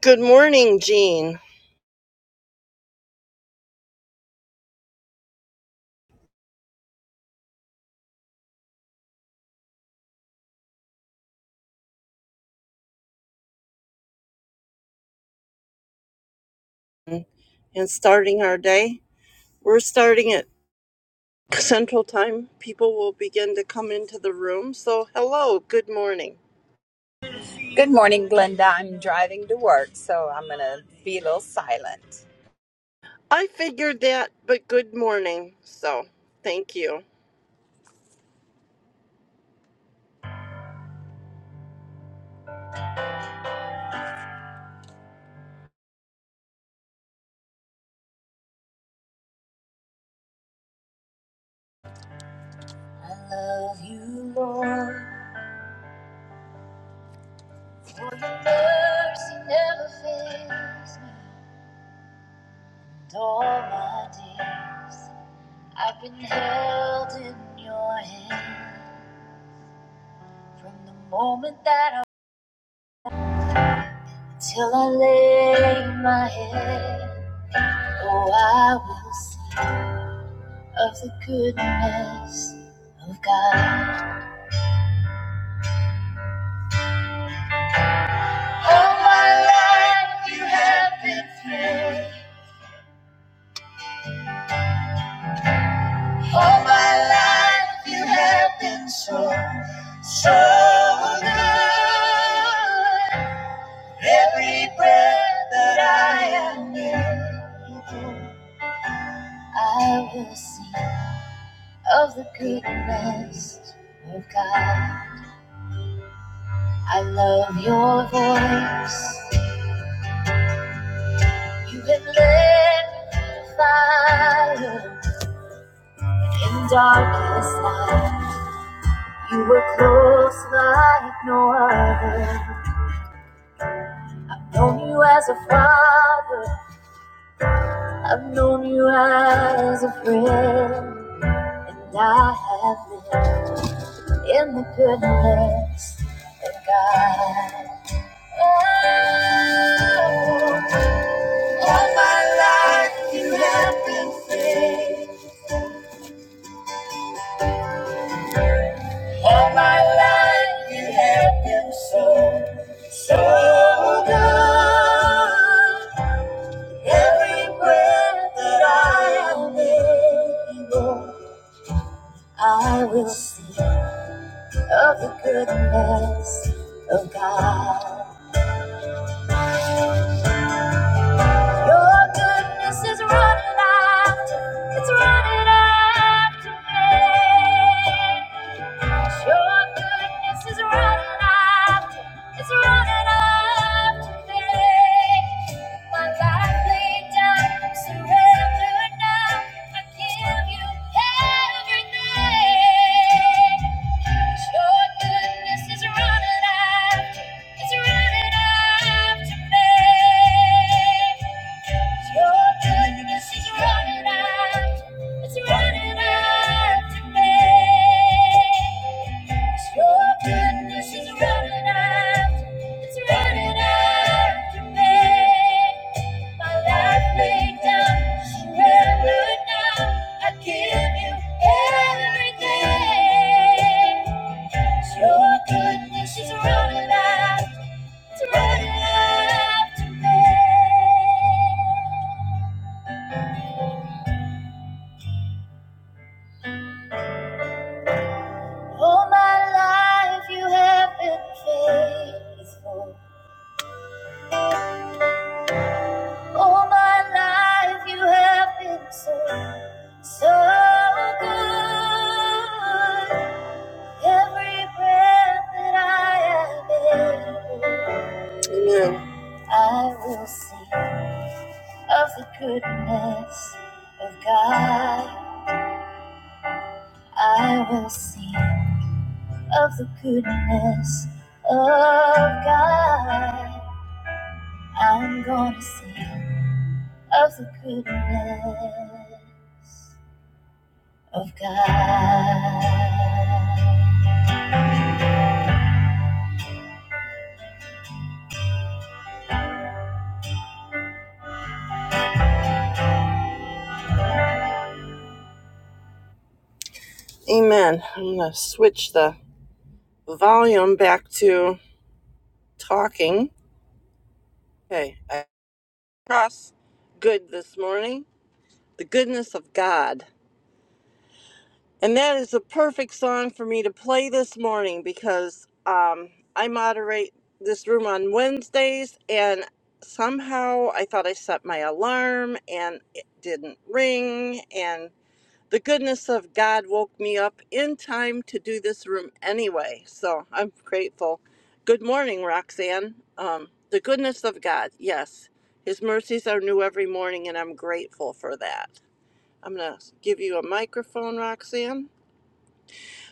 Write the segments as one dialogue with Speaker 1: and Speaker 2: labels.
Speaker 1: Good morning, Jean. And starting our day, we're starting at Central Time. People will begin to come into the room. So, hello, good morning.
Speaker 2: Good morning, Glenda. I'm driving to work, so I'm going to be a little silent.
Speaker 1: I figured that, but good morning. So, thank you. I love you, Lord, for your mercy never fails me. And all my days, I've been held in your hand from the moment that I till I lay my head. Oh, I will sing of the goodness of God. All my life you have been faithful. All my life you have been so, so good. Every breath that I am in, I will sing of the goodness of God. I love your voice. You have lit the fire in darkest night. You were close like no other. Known you as a father, I've known you as a friend, and I have lived in the goodness of God. Oh, all my life you have been faithful. All my life you have been so, so good. Every breath that I am able, I will see of the goodness of God. Your goodness is running after, it's running after me. Yes, Your goodness is running after, it's running after me. My life laid down, surrender now. I give you everything. Yes, Your goodness is running after, it's running after me. Your goodness is running out. It's running out me. Your goodness is running out. It's running out me. My life laid down, surrendered now. I give you everything. Your goodness is running out. It's running out to me. All my life you have been faithful. All my life you have been so, so good. Every breath that I am able, I will sing of the goodness of God. I will sing of the goodness of God. I'm gonna sing. of the goodness of God. Amen. I'm going to switch the volume back to talking. Okay, I cross good this morning. The goodness of God. And that is a perfect song for me to play this morning because um, I moderate this room on Wednesdays and somehow I thought I set my alarm and it didn't ring and. the goodness of God woke me up in time to do this room anyway. So I'm grateful. Good morning, Roxanne. Um, the goodness of God, yes. His mercies are new every morning, and I'm grateful for that. I'm going to give you a microphone, Roxanne.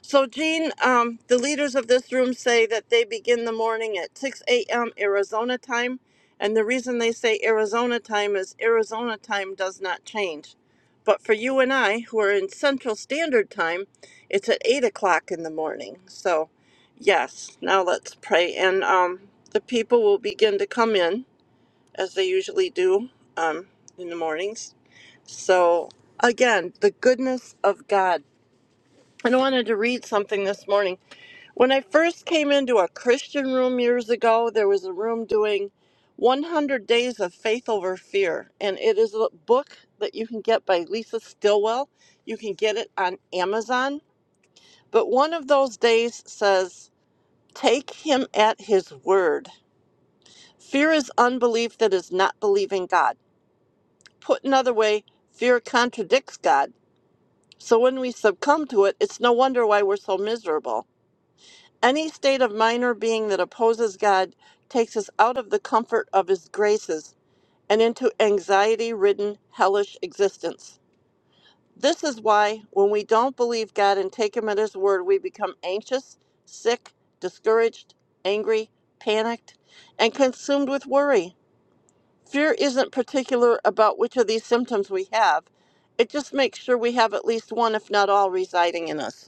Speaker 1: So, Jean, um, the leaders of this room say that they begin the morning at 6 a.m. Arizona time. And the reason they say Arizona time is Arizona time does not change. But for you and I, who are in Central Standard Time, it's at 8 o'clock in the morning. So, yes, now let's pray. And um, the people will begin to come in as they usually do um, in the mornings. So, again, the goodness of God. And I wanted to read something this morning when I first came into a Christian room years ago, there was a room doing 100 Days of Faith Over Fear. And it is a book that you can get by Lisa Stilwell. You can get it on Amazon. But one of those days says, Take him at his word. Fear is unbelief that is not believing God. Put another way, fear contradicts God. So when we succumb to it, it's no wonder why we're so miserable. Any state of mind or being that opposes God takes us out of the comfort of His graces and into anxiety ridden, hellish existence. This is why, when we don't believe God and take Him at His word, we become anxious, sick, discouraged, angry, panicked, and consumed with worry. Fear isn't particular about which of these symptoms we have, it just makes sure we have at least one, if not all, residing in us.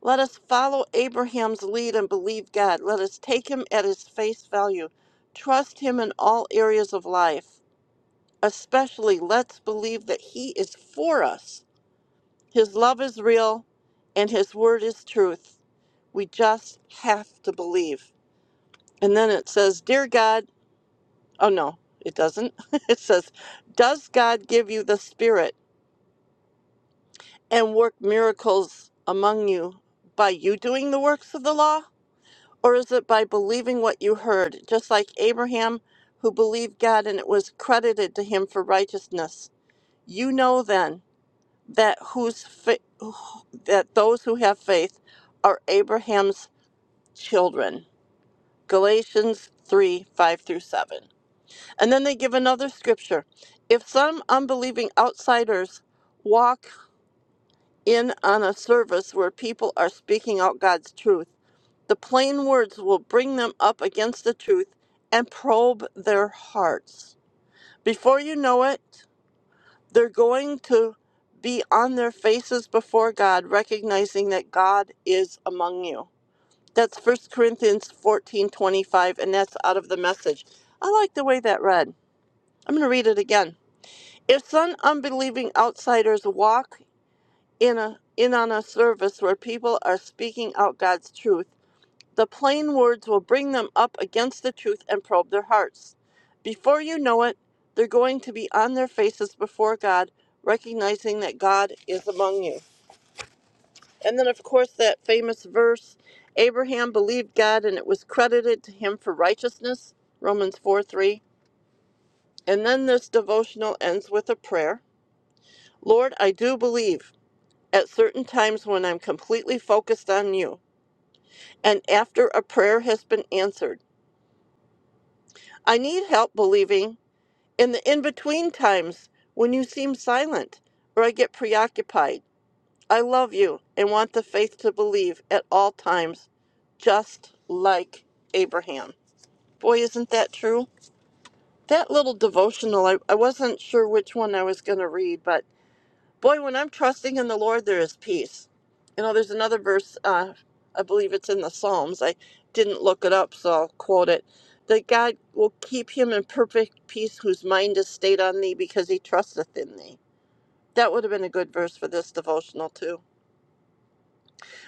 Speaker 1: Let us follow Abraham's lead and believe God. Let us take him at his face value. Trust him in all areas of life. Especially, let's believe that he is for us. His love is real and his word is truth. We just have to believe. And then it says, Dear God, oh no, it doesn't. it says, Does God give you the Spirit and work miracles among you by you doing the works of the law? Or is it by believing what you heard, just like Abraham, who believed God and it was credited to him for righteousness? You know then that whose fa- that those who have faith are Abraham's children. Galatians 3 5 through 7. And then they give another scripture. If some unbelieving outsiders walk in on a service where people are speaking out God's truth, The plain words will bring them up against the truth and probe their hearts. Before you know it, they're going to be on their faces before God, recognizing that God is among you. That's First Corinthians 14 25, and that's out of the message. I like the way that read. I'm going to read it again. If some unbelieving outsiders walk in, a, in on a service where people are speaking out God's truth, The plain words will bring them up against the truth and probe their hearts. Before you know it, they're going to be on their faces before God, recognizing that God is among you. And then, of course, that famous verse Abraham believed God and it was credited to him for righteousness, Romans 4 3. And then this devotional ends with a prayer Lord, I do believe at certain times when I'm completely focused on you, and after a prayer has been answered. I need help believing in the in between times when you seem silent or I get preoccupied. I love you and want the faith to believe at all times, just like Abraham. Boy, isn't that true? That little devotional, I, I wasn't sure which one I was going to read, but boy, when I'm trusting in the Lord, there is peace. You know, there's another verse, uh, I believe it's in the Psalms. I didn't look it up, so I'll quote it that God will keep him in perfect peace whose mind is stayed on thee because he trusteth in thee. That would have been a good verse for this devotional, too.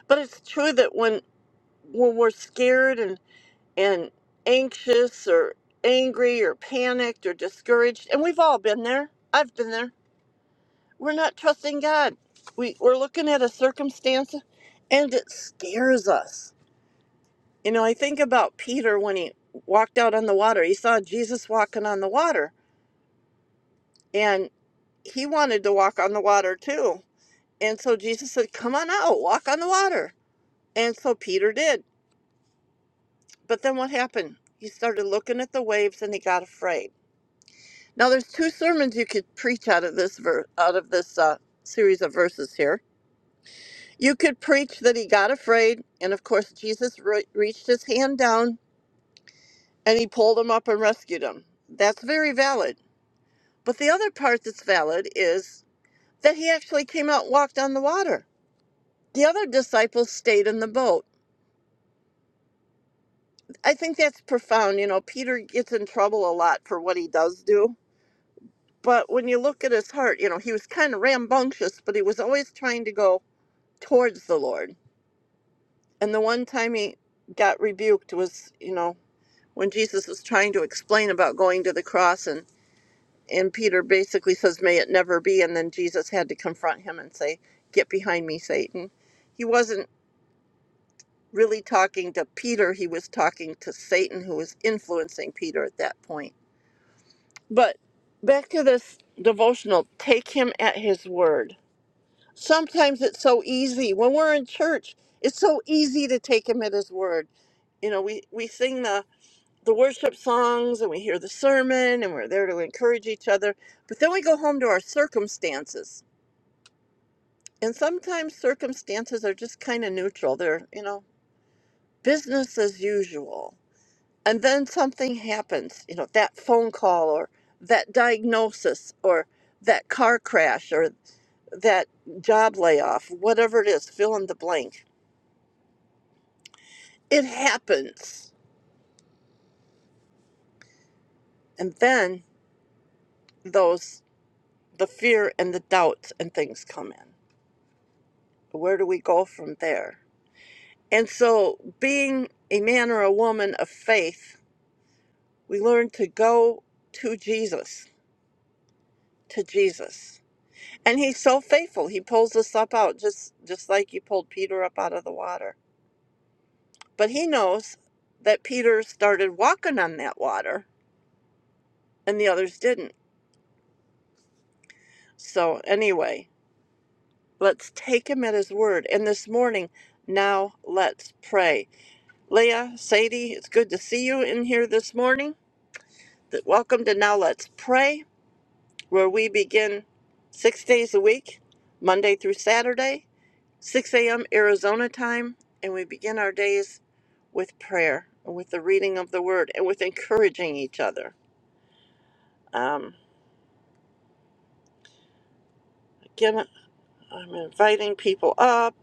Speaker 1: But it's true that when when we're scared and, and anxious or angry or panicked or discouraged, and we've all been there, I've been there we're not trusting God. We, we're looking at a circumstance and it scares us. You know, I think about Peter when he walked out on the water. He saw Jesus walking on the water and he wanted to walk on the water too. And so Jesus said, Come on out, walk on the water. And so Peter did. But then what happened? He started looking at the waves and he got afraid. Now there's two sermons you could preach out of this ver- out of this uh, series of verses here You could preach that he got afraid, and of course, Jesus re- reached his hand down and he pulled him up and rescued him. That's very valid. But the other part that's valid is that he actually came out and walked on the water. The other disciples stayed in the boat. I think that's profound. You know, Peter gets in trouble a lot for what he does do. But when you look at his heart, you know, he was kind of rambunctious, but he was always trying to go towards the Lord. And the one time he got rebuked was, you know, when Jesus was trying to explain about going to the cross and and Peter basically says may it never be and then Jesus had to confront him and say get behind me Satan. He wasn't really talking to Peter, he was talking to Satan who was influencing Peter at that point. But back to this devotional, take him at his word. Sometimes it's so easy when we're in church, it's so easy to take him at his word. You know, we we sing the the worship songs and we hear the sermon and we're there to encourage each other. But then we go home to our circumstances. And sometimes circumstances are just kind of neutral. They're, you know, business as usual. And then something happens, you know, that phone call or that diagnosis or that car crash or that job layoff, whatever it is, fill in the blank. It happens. And then those, the fear and the doubts and things come in. where do we go from there? And so, being a man or a woman of faith, we learn to go to Jesus, to Jesus. And he's so faithful. He pulls us up out just just like He pulled Peter up out of the water. But he knows that Peter started walking on that water and the others didn't. So, anyway, let's take him at his word. And this morning, now let's pray. Leah, Sadie, it's good to see you in here this morning. Welcome to Now Let's Pray, where we begin six days a week, Monday through Saturday, 6 a.m. Arizona time, and we begin our days with prayer, with the reading of the Word, and with encouraging each other. Um, again, I'm inviting people up,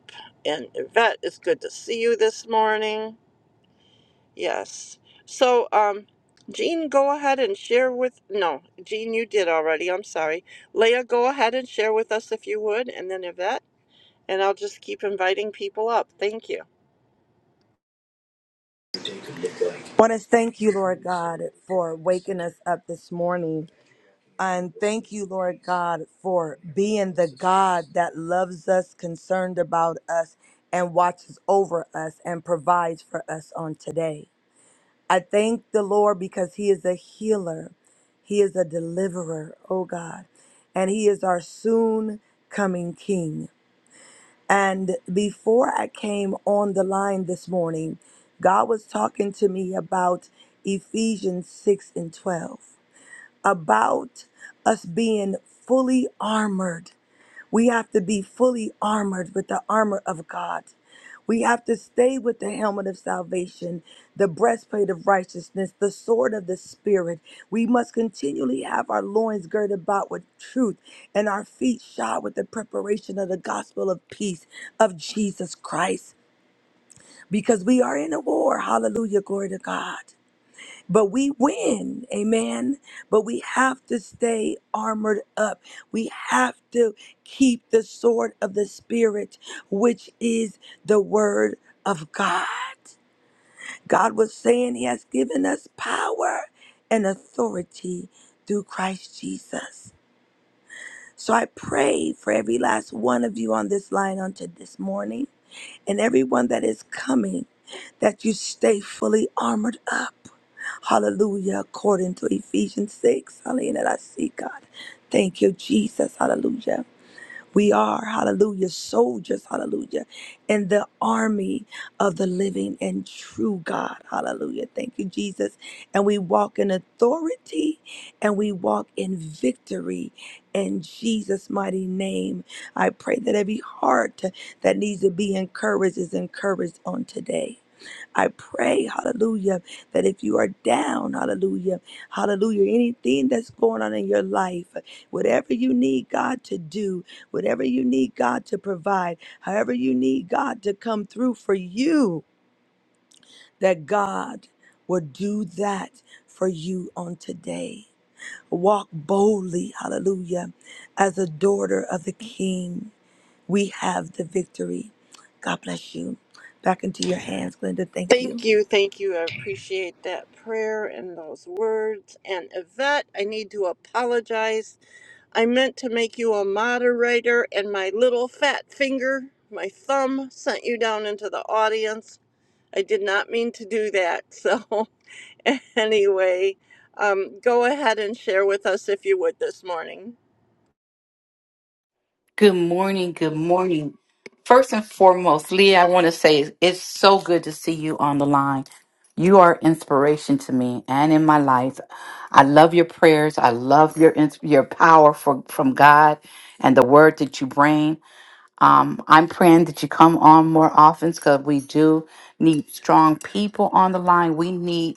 Speaker 1: and Yvette, it's good to see you this morning. Yes. So, um, Jean, go ahead and share with. No, Jean, you did already. I'm sorry. Leah, go ahead and share with us if you would, and then Yvette. and I'll just keep inviting people up. Thank you.
Speaker 3: want to thank you, Lord God, for waking us up this morning. And thank you, Lord God, for being the God that loves us, concerned about us, and watches over us and provides for us on today. I thank the Lord because He is a healer, He is a deliverer, oh God, and He is our soon coming King. And before I came on the line this morning, God was talking to me about Ephesians 6 and 12, about us being fully armored. We have to be fully armored with the armor of God. We have to stay with the helmet of salvation, the breastplate of righteousness, the sword of the Spirit. We must continually have our loins girded about with truth and our feet shod with the preparation of the gospel of peace of Jesus Christ because we are in a war. Hallelujah, glory to God but we win amen but we have to stay armored up we have to keep the sword of the spirit which is the word of god god was saying he has given us power and authority through christ jesus so i pray for every last one of you on this line unto this morning and everyone that is coming that you stay fully armored up Hallelujah. According to Ephesians 6. Hallelujah. I see, God. Thank you, Jesus. Hallelujah. We are, hallelujah, soldiers, hallelujah, in the army of the living and true God. Hallelujah. Thank you, Jesus. And we walk in authority and we walk in victory in Jesus' mighty name. I pray that every heart that needs to be encouraged is encouraged on today. I pray, hallelujah, that if you are down, hallelujah, hallelujah, anything that's going on in your life, whatever you need God to do, whatever you need God to provide, however you need God to come through for you, that God will do that for you on today. Walk boldly, hallelujah, as a daughter of the King. We have the victory. God bless you. Back into your hands, Glenda. Thank you.
Speaker 1: Thank you. Thank you. I appreciate that prayer and those words. And Yvette, I need to apologize. I meant to make you a moderator, and my little fat finger, my thumb, sent you down into the audience. I did not mean to do that. So, anyway, um, go ahead and share with us if you would this morning.
Speaker 4: Good morning. Good morning. First and foremost, Leah, I want to say it's so good to see you on the line. You are inspiration to me and in my life. I love your prayers. I love your ins- your power for, from God and the word that you bring. Um, I'm praying that you come on more often because we do need strong people on the line. We need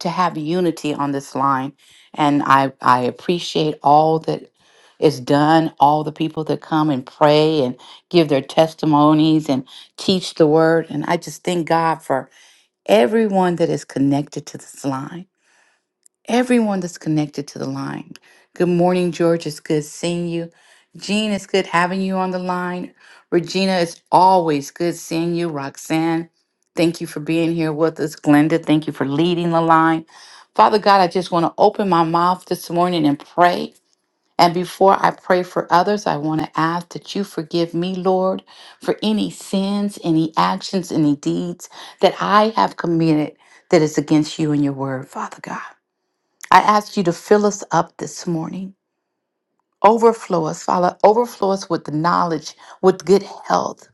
Speaker 4: to have unity on this line. And I, I appreciate all that is done, all the people that come and pray and give their testimonies and teach the word. And I just thank God for everyone that is connected to this line everyone that's connected to the line. Good morning, George. It's good seeing you. Jean, it's good having you on the line. Regina, it's always good seeing you. Roxanne, thank you for being here with us. Glenda, thank you for leading the line. Father God, I just want to open my mouth this morning and pray. And before I pray for others, I want to ask that you forgive me, Lord, for any sins, any actions, any deeds that I have committed that is against you and your word, Father God. I ask you to fill us up this morning. Overflow us, Father. Overflow us with the knowledge, with good health,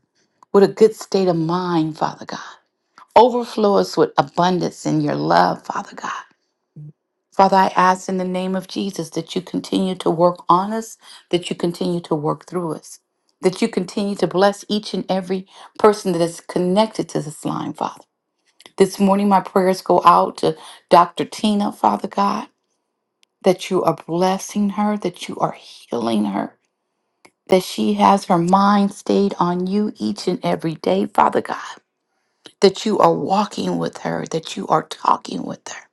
Speaker 4: with a good state of mind, Father God. Overflow us with abundance in your love, Father God. Father, I ask in the name of Jesus that you continue to work on us, that you continue to work through us, that you continue to bless each and every person that is connected to this line, Father. This morning, my prayers go out to Dr. Tina, Father God. that you are blessing her, that you are healing her, that she has her mind stayed on you each and every day, Father God, that you are walking with her, that you are talking with her,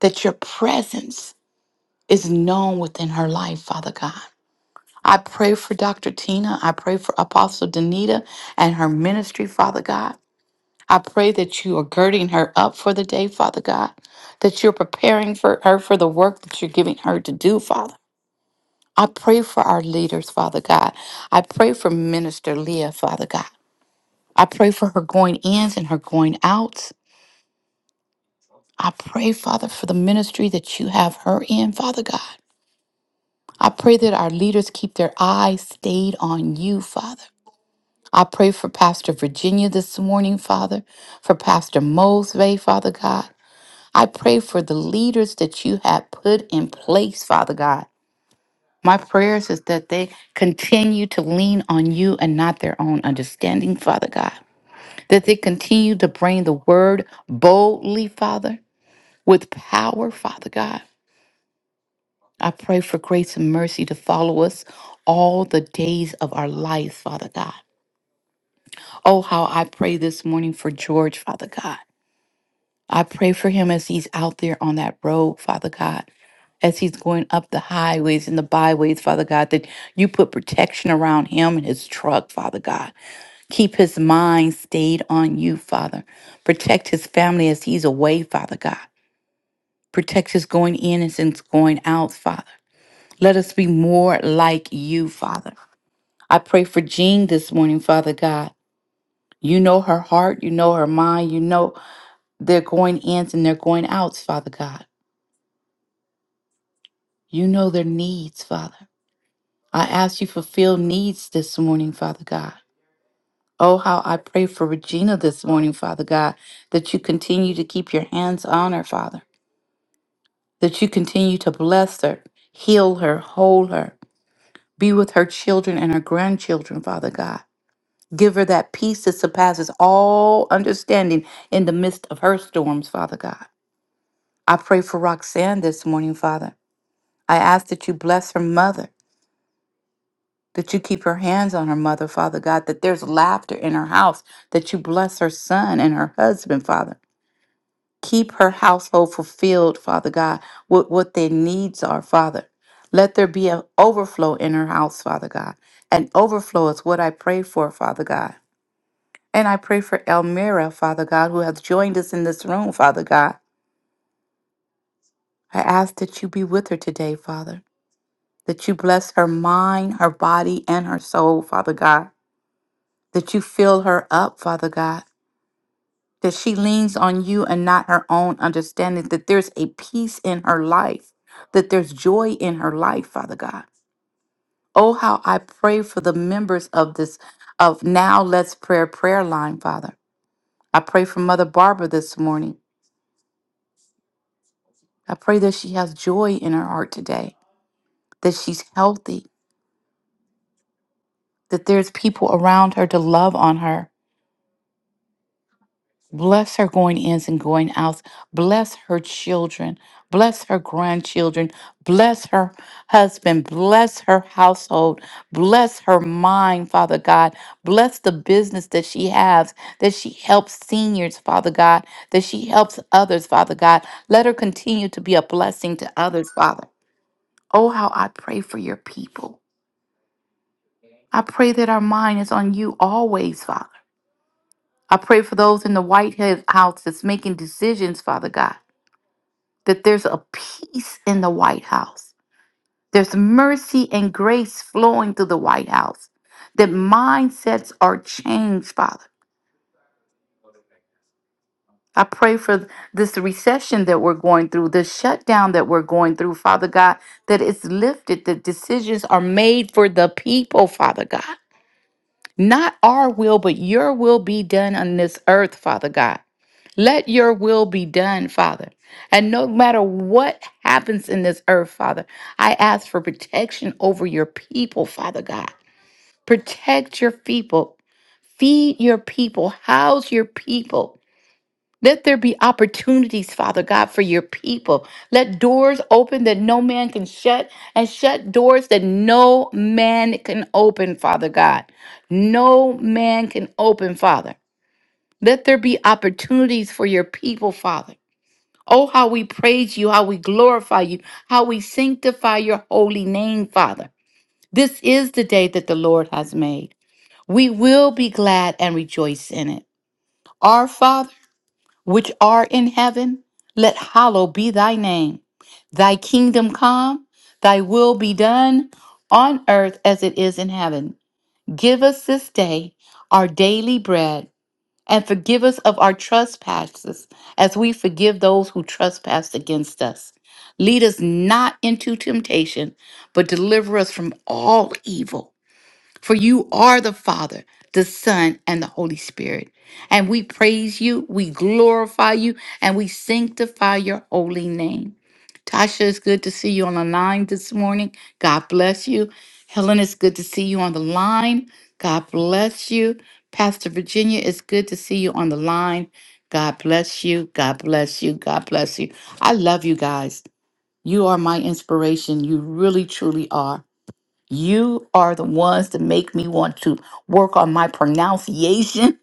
Speaker 4: that your presence is known within her life, Father God. I pray for Dr. Tina. I pray for Apostle Danita and her ministry, Father God. I pray that you are girding her up for the day, Father God, that you're preparing for her for the work that you're giving her to do, Father. I pray for our leaders, Father God. I pray for Minister Leah, Father God. I pray for her going ins and her going outs. I pray, Father, for the ministry that you have her in, Father God. I pray that our leaders keep their eyes stayed on you, Father. I pray for Pastor Virginia this morning, Father, for Pastor Mosby, Father God. I pray for the leaders that you have put in place, Father God. My prayers is that they continue to lean on you and not their own understanding, Father God. That they continue to bring the word boldly, Father, with power, Father God. I pray for grace and mercy to follow us all the days of our lives, Father God. Oh, how I pray this morning for George, Father God. I pray for him as he's out there on that road, Father God, as he's going up the highways and the byways, Father God, that you put protection around him and his truck, Father God. Keep his mind stayed on you, Father. Protect his family as he's away, Father God. Protect his going in and his going out, Father. Let us be more like you, Father. I pray for Jean this morning, Father God. You know her heart, you know her mind, you know their going ins and their going outs, Father God. You know their needs, Father. I ask you fulfill needs this morning, Father God. Oh, how I pray for Regina this morning, Father God, that you continue to keep your hands on her, Father, that you continue to bless her, heal her, hold her, be with her children and her grandchildren, Father God. Give her that peace that surpasses all understanding in the midst of her storms, Father God. I pray for Roxanne this morning, Father. I ask that you bless her mother. that you keep her hands on her mother, Father God, that there's laughter in her house, that you bless her son and her husband, Father. Keep her household fulfilled, Father God, with what their needs are, Father. Let there be an overflow in her house, Father God. An overflow is what I pray for, Father God. And I pray for Elmira, Father God, who has joined us in this room, Father God. I ask that you be with her today, Father, that you bless her mind, her body, and her soul, Father God that you fill her up, Father God, that she leans on you and not her own understanding, that there's a peace in her life, that there's joy in her life, Father God. Oh, how I pray for the members of this, of Now Let's Prayer prayer line, Father. I pray for Mother Barbara this morning. I pray that she has joy in her heart today, that she's healthy, that there's people around her to love on her, Bless her going ins and going outs. Bless her children. Bless her grandchildren. Bless her husband. Bless her household. Bless her mind, Father God. Bless the business that she has, that she helps seniors, Father God, that she helps others, Father God. Let her continue to be a blessing to others, Father. Oh, how I pray for your people. I pray that our mind is on you always, Father. I pray for those in the White House that's making decisions, Father God. that there's a peace in the White House. There's mercy and grace flowing through the White House. That mindsets are changed, Father. I pray for this recession that we're going through, the shutdown that we're going through, Father God, that it's lifted, that decisions are made for the people, Father God. Not our will, but your will be done on this earth, Father God. Let your will be done, Father. And no matter what happens in this earth, Father, I ask for protection over your people, Father God. Protect your people, feed your people, house your people. Let there be opportunities, Father God, for your people. Let doors open that no man can shut, and shut doors that no man can open, Father God. No man can open, Father. Let there be opportunities for your people, Father. Oh, how we praise you, how we glorify you, how we sanctify your holy name, Father. This is the day that the Lord has made. We will be glad and rejoice in it. Our Father, which art in heaven, let hallowed be thy name. Thy kingdom come, thy will be done on earth as it is in heaven. Give us this day our daily bread and forgive us of our trespasses as we forgive those who trespass against us. Lead us not into temptation, but deliver us from all evil. For you are the Father, the Son, and the Holy Spirit. And we praise you, we glorify you, and we sanctify your holy name. Tasha, it's good to see you on the line this morning. God bless you. Helen, it's good to see you on the line. God bless you. Pastor Virginia, it's good to see you on the line. God bless you. God bless you. God bless you. I love you guys. You are my inspiration. You really, truly are. You are the ones to make me want to work on my pronunciation,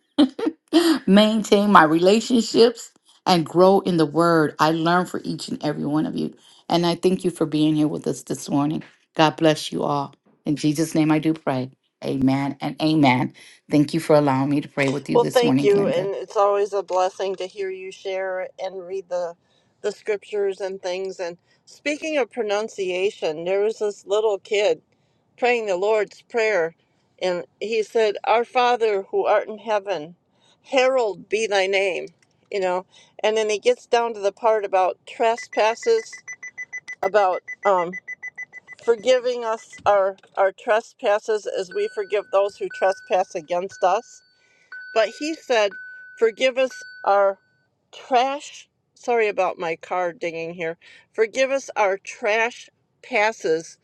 Speaker 4: maintain my relationships, and grow in the word. I learn for each and every one of you. And I thank you for being here with us this morning. God bless you all. In Jesus' name I do pray. Amen and amen. Thank you for allowing me to pray with you
Speaker 1: Well,
Speaker 4: this
Speaker 1: thank
Speaker 4: morning,
Speaker 1: you,
Speaker 4: Glenda.
Speaker 1: and it's always a blessing to hear you share and read the the scriptures and things. And speaking of pronunciation, there was this little kid praying the Lord's prayer, and he said, "Our Father who art in heaven, herald be thy name," you know. And then he gets down to the part about trespasses, about um, forgiving us our our trespasses as we forgive those who trespass against us but he said, Forgive us our trash. Sorry about my car dinging here. Forgive us our trash passes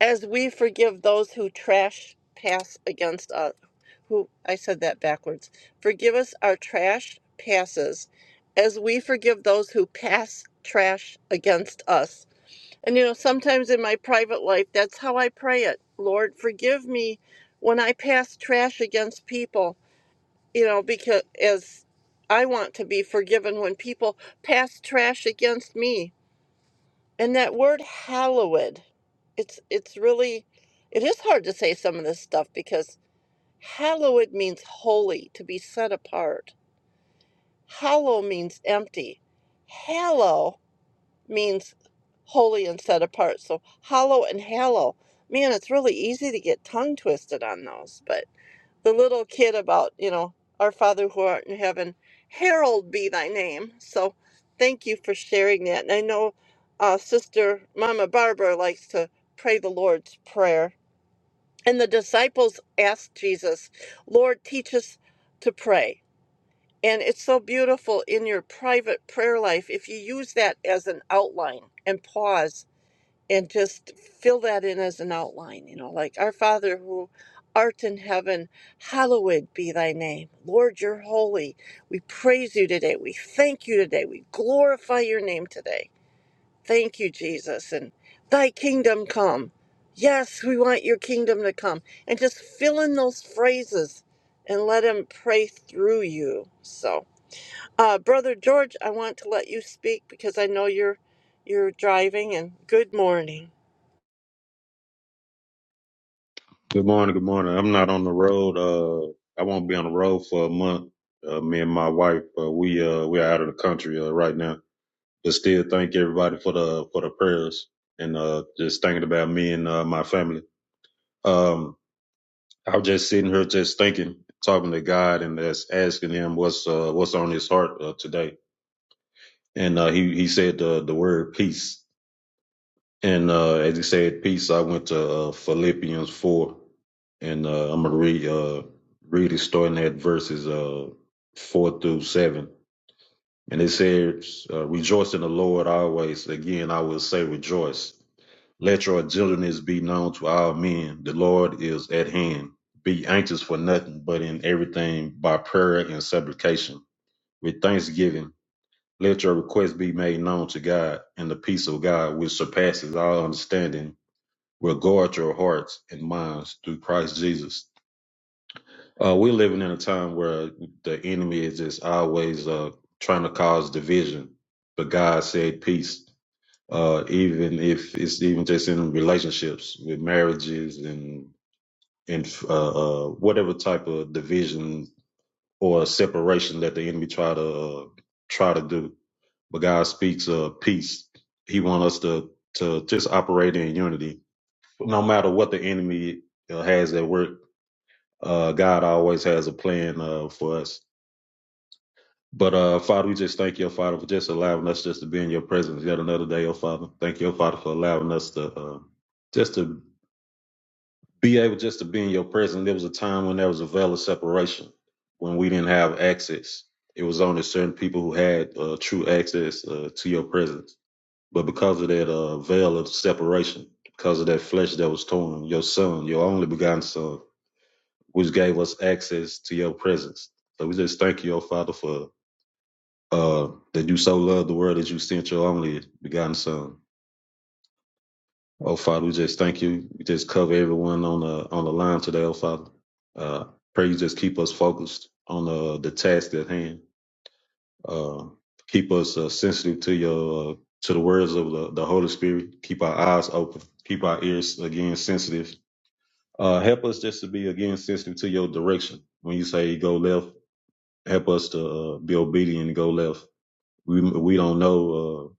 Speaker 1: as we forgive those who trash pass against us. Who I said that backwards. Forgive us our trash passes as we forgive those who pass trash against us. And you know, sometimes in my private life, that's how I pray it. Lord, forgive me when I pass trash against people you know, because as I want to be forgiven when people pass trash against me. And that word hallowed, it's it's really it is hard to say some of this stuff because hallowed means holy, to be set apart. Hollow means empty. Hallow means holy and set apart. So hollow and hallow. Man, it's really easy to get tongue twisted on those, but the little kid about, you know, our Father who art in heaven, herald be thy name. So thank you for sharing that. And I know uh, Sister Mama Barbara likes to pray the Lord's Prayer. And the disciples asked Jesus, Lord, teach us to pray. And it's so beautiful in your private prayer life if you use that as an outline and pause and just fill that in as an outline, you know, like Our Father who art in heaven, hallowed be thy name. Lord, you're holy. We praise you today. We thank you today. We glorify your name today. Thank you, Jesus. And thy kingdom come. Yes, we want your kingdom to come. And just fill in those phrases and let him pray through you. So, uh, Brother George, I want to let you speak because I know you're you're driving and good morning.
Speaker 5: Good morning. Good morning. I'm not on the road. Uh, I won't be on the road for a month. Uh, me and my wife, uh, we uh, we're out of the country uh, right now. But still, thank everybody for the for the prayers and uh, just thinking about me and uh, my family. Um, I was just sitting here, just thinking, talking to God, and just asking Him what's uh, what's on His heart uh, today. And uh, He He said the the word peace. And uh, as he said, peace. I went to uh, Philippians four, and uh, I'm gonna read uh, read it starting at verses uh, four through seven. And it says, uh, "Rejoice in the Lord always." Again, I will say, rejoice. Let your gentleness be known to all men. The Lord is at hand. Be anxious for nothing, but in everything by prayer and supplication with thanksgiving. Let your requests be made known to God, and the peace of God, which surpasses all understanding, will guard your hearts and minds through Christ Jesus. Uh, we're living in a time where the enemy is just always uh, trying to cause division, but God said peace. Uh, even if it's even just in relationships with marriages and and uh, uh, whatever type of division or separation that the enemy try to uh, try to do, but God speaks uh, peace. He wants us to to just operate in unity, no matter what the enemy uh, has at work uh, God always has a plan uh, for us. But uh, Father, we just thank you, Father, for just allowing us just to be in your presence yet another day, oh Father. Thank you, oh, Father, for allowing us to uh, just to be able just to be in your presence. There was a time when there was a veil of separation, when we didn't have access. It was only certain people who had uh, true access uh, to your presence. But because of that uh, veil of separation, because of that flesh that was torn, your son, your only begotten son, which gave us access to your presence. So we just thank you, O Father, for uh, that you so loved the world that you sent your only begotten Son. Oh Father, we just thank you. We just cover everyone on the on the line today, oh Father. Uh, pray you just keep us focused on uh, the task at hand. Uh, keep us uh, sensitive to your uh, to the words of the, the Holy Spirit. Keep our eyes open. Keep our ears again sensitive. Uh, help us just to be again sensitive to your direction. When you say go left, help us to uh, be obedient and go left. We we don't know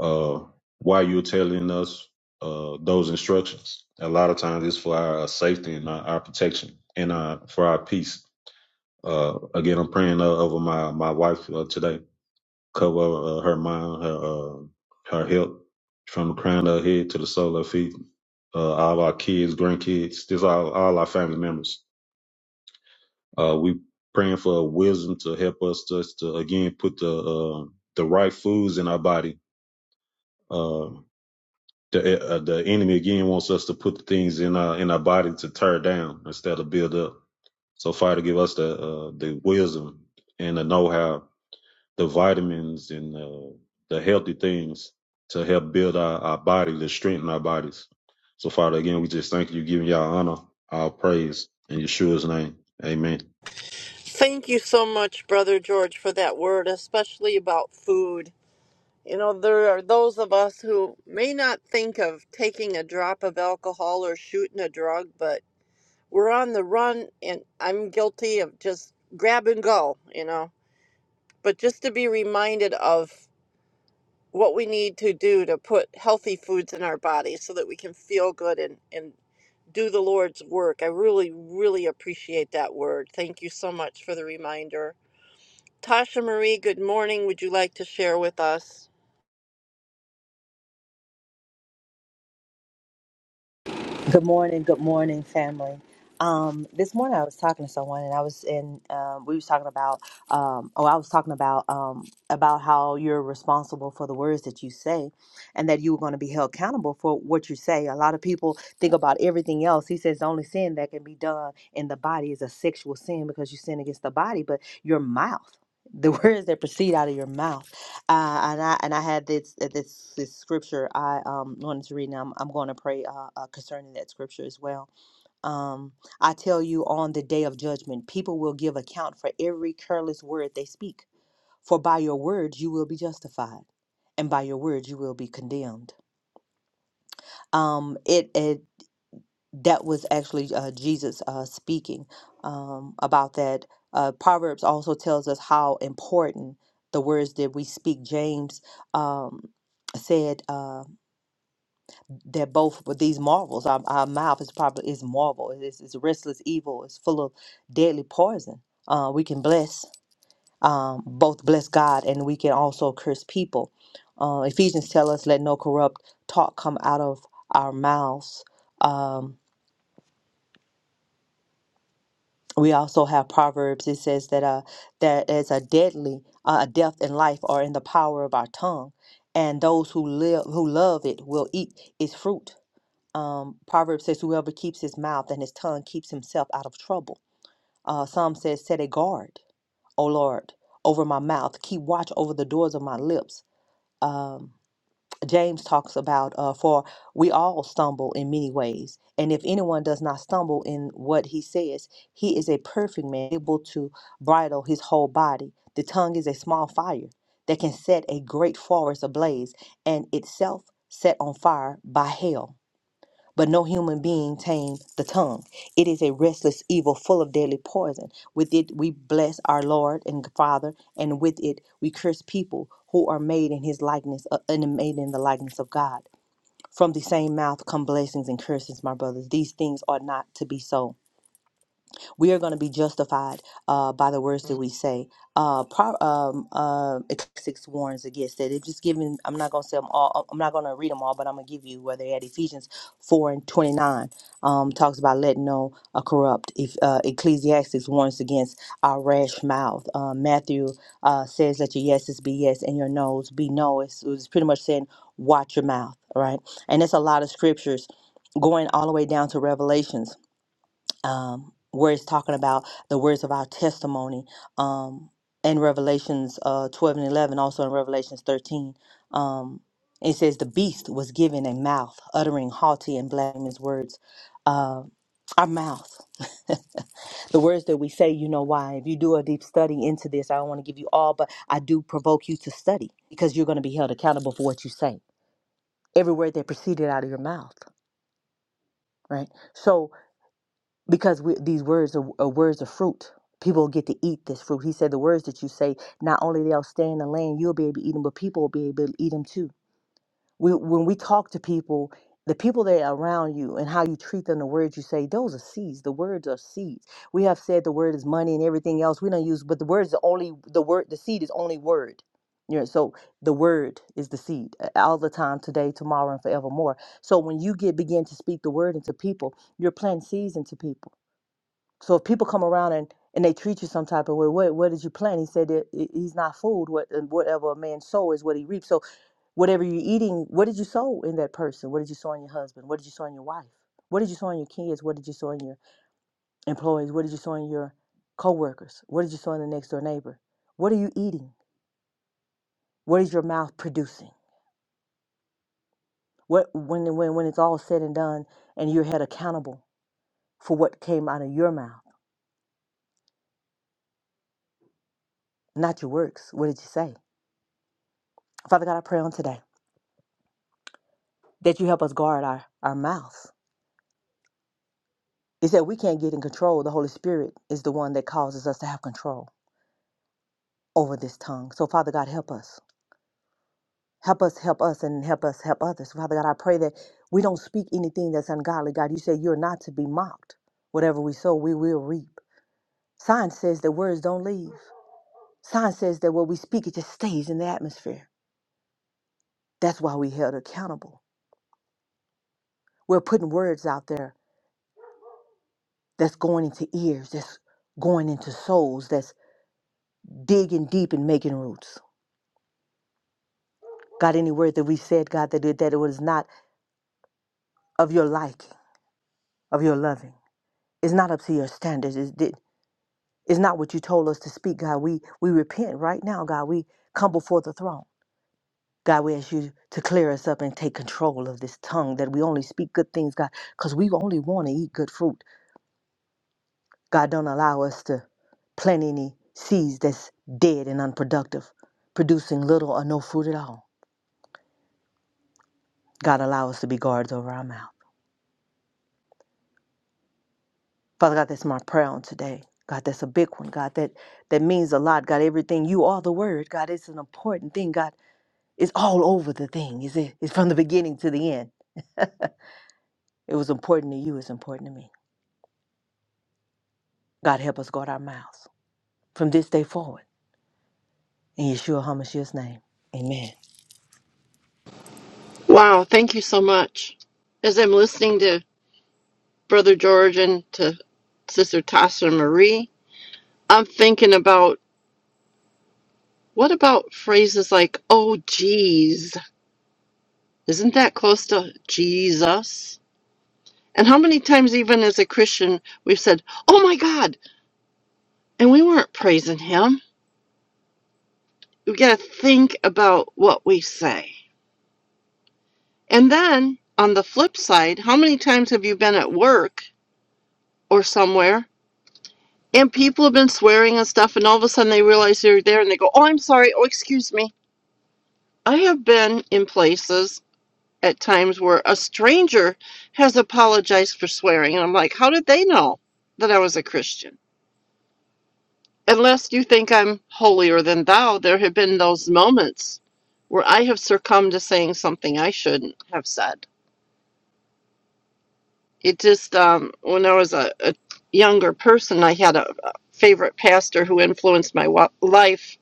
Speaker 5: uh, uh, why you're telling us uh, those instructions. A lot of times it's for our safety and our, our protection and our, for our peace. Uh, again, I'm praying uh, over my my wife uh, today. Cover uh, her mind, her uh, her health, from the crown of her head to the sole of her feet. Uh, all our kids, grandkids, this all all our family members Uh, we praying for wisdom to help us just to again put the uh, the right foods in our body. Uh, the uh, the enemy again wants us to put the things in our in our body to tear down instead of build up. So Father, give us the uh, the wisdom and the know how, the vitamins and uh, the healthy things to help build our, our body, to strengthen our bodies. So Father, again, we just thank you, giving y'all honor, our praise in Yeshua's name. Amen.
Speaker 1: Thank you so much, Brother George, for that word, especially about food. You know, there are those of us who may not think of taking a drop of alcohol or shooting a drug, but we're on the run, and I'm guilty of just grab and go, you know. But just to be reminded of what we need to do to put healthy foods in our body so that we can feel good and, and do the Lord's work. I really, really appreciate that word. Thank you so much for the reminder. Tasha Marie, good morning. Would you like to share with us?
Speaker 6: Good morning, good morning, family. Um, this morning I was talking to someone, and I was in. Um, we was talking about. Um, oh, I was talking about um, about how you're responsible for the words that you say, and that you were going to be held accountable for what you say. A lot of people think about everything else. He says the only sin that can be done in the body is a sexual sin because you sin against the body, but your mouth, the words that proceed out of your mouth. Uh, and I and I had this uh, this this scripture I um wanted to read. now. I'm I'm going to pray uh, uh, concerning that scripture as well. Um, I tell you, on the day of judgment, people will give account for every careless word they speak. For by your words you will be justified, and by your words you will be condemned. Um, it it that was actually uh, Jesus uh, speaking um, about that. Uh, Proverbs also tells us how important the words that we speak. James um, said uh, that both of these marvels, our, our mouth is probably is marvel. It is it's restless evil. It's full of deadly poison. Uh, we can bless um, both bless God and we can also curse people. Uh, Ephesians tell us, "Let no corrupt talk come out of our mouths." Um, we also have proverbs it says that uh that is a deadly uh, death and life are in the power of our tongue and those who live who love it will eat its fruit um proverbs says whoever keeps his mouth and his tongue keeps himself out of trouble uh psalm says set a guard o lord over my mouth keep watch over the doors of my lips Um, James talks about, uh, for we all stumble in many ways. And if anyone does not stumble in what he says, he is a perfect man, able to bridle his whole body. The tongue is a small fire that can set a great forest ablaze and itself set on fire by hell. But no human being tame the tongue. It is a restless evil full of deadly poison. With it we bless our Lord and Father, and with it we curse people who are made in his likeness uh, and made in the likeness of God. From the same mouth come blessings and curses, my brothers. These things ought not to be so. We are going to be justified uh, by the words that we say. Uh, pro- um, uh, Ecclesiastes six warns against that. It's just giving. I'm not going to say them all. I'm not going to read them all, but I'm going to give you where they at. Ephesians four and twenty nine um, talks about letting no a corrupt. If uh, Ecclesiastes warns against our rash mouth. Uh, Matthew uh, says let your yeses be yes and your noes be no. It's, it's pretty much saying watch your mouth, right? And it's a lot of scriptures going all the way down to Revelations um, where it's talking about the words of our testimony um, in Revelations uh, 12 and 11, also in Revelations 13. Um, it says, The beast was given a mouth, uttering haughty and blasphemous words. Uh, our mouth, the words that we say, you know why. If you do a deep study into this, I don't want to give you all, but I do provoke you to study because you're going to be held accountable for what you say. Every word that proceeded out of your mouth, right? So, because we, these words are, are words of fruit. People get to eat this fruit. He said the words that you say, not only they'll stay in the land, you'll be able to eat them, but people will be able to eat them too. We, when we talk to people, the people that are around you and how you treat them, the words you say, those are seeds. The words are seeds. We have said the word is money and everything else we don't use, but the words is only the word. The seed is only word. You know, so the word is the seed uh, all the time, today, tomorrow, and forevermore. So when you get begin to speak the word into people, you're planting seeds into people so if people come around and, and they treat you some type of way, what what did you plant? He said that he- he's not fooled. What uh, whatever a man sow is what he reaps. So whatever you're eating, what did you sow in that person? What did you sow in your husband? What did you sow in your wife? What did you sow in your kids? What did you sow in your employees? What did you sow in your coworkers? What did you sow in the next door neighbor? What are you eating? What is your mouth producing? What when when when it's all said and done and you're held accountable for what came out of your mouth, not your works. What did you say? Father God, I pray on today. that you help us guard our, our mouth. It's that we can't get in control. The Holy Spirit is the one that causes us to have control over this tongue. So, Father God, help us. Help us, help us, and help us, help others. Father God, I pray that we don't speak anything that's ungodly. God, you say you're not to be mocked. Whatever we sow, we will reap. Science says that words don't leave. Science says that what we speak, it just stays in the atmosphere. That's why we held accountable. We're putting words out there that's going into ears, that's going into souls, that's digging deep and making roots. God, any word that we said, God, that it, that it was not of your liking, of your loving. It's not up to your standards. It's, di- it's not what you told us to speak, God. We we repent right now, God. We come before the throne. God, we ask you to clear us up and take control of this tongue that we only speak good things, God, because we only want to eat good fruit. God, don't allow us to plant any seeds that's dead and unproductive, producing little or no fruit at all. God, allow us to be guards over our mouth. Father God, that's my prayer on today. God, that's a big one. God, that that means a lot. God, everything you are the word. God, it's an important thing. God, it's all over the thing. Is it? It's from the beginning to the end. It was important to you. It's important to me. God, help us guard our mouths from this day forward. In Yeshua Hamashiach's name, Amen.
Speaker 1: Wow, thank you so much. As I'm listening to Brother George and to Sister Tasha Marie, I'm thinking about what about phrases like, oh, geez, isn't that close to Jesus? And how many times, even as a Christian, we've said, oh my God, and we weren't praising him. We got to think about what we say. And then on the flip side, how many times have you been at work or somewhere and people have been swearing and stuff and all of a sudden they realize they're there and they go oh i'm sorry oh excuse me i have been in places at times where a stranger has apologized for swearing and i'm like how did they know that i was a christian unless you think i'm holier than thou there have been those moments where i have succumbed to saying something i shouldn't have said it just um, when I was a, a younger person, I had a a favorite pastor who influenced my wa- life.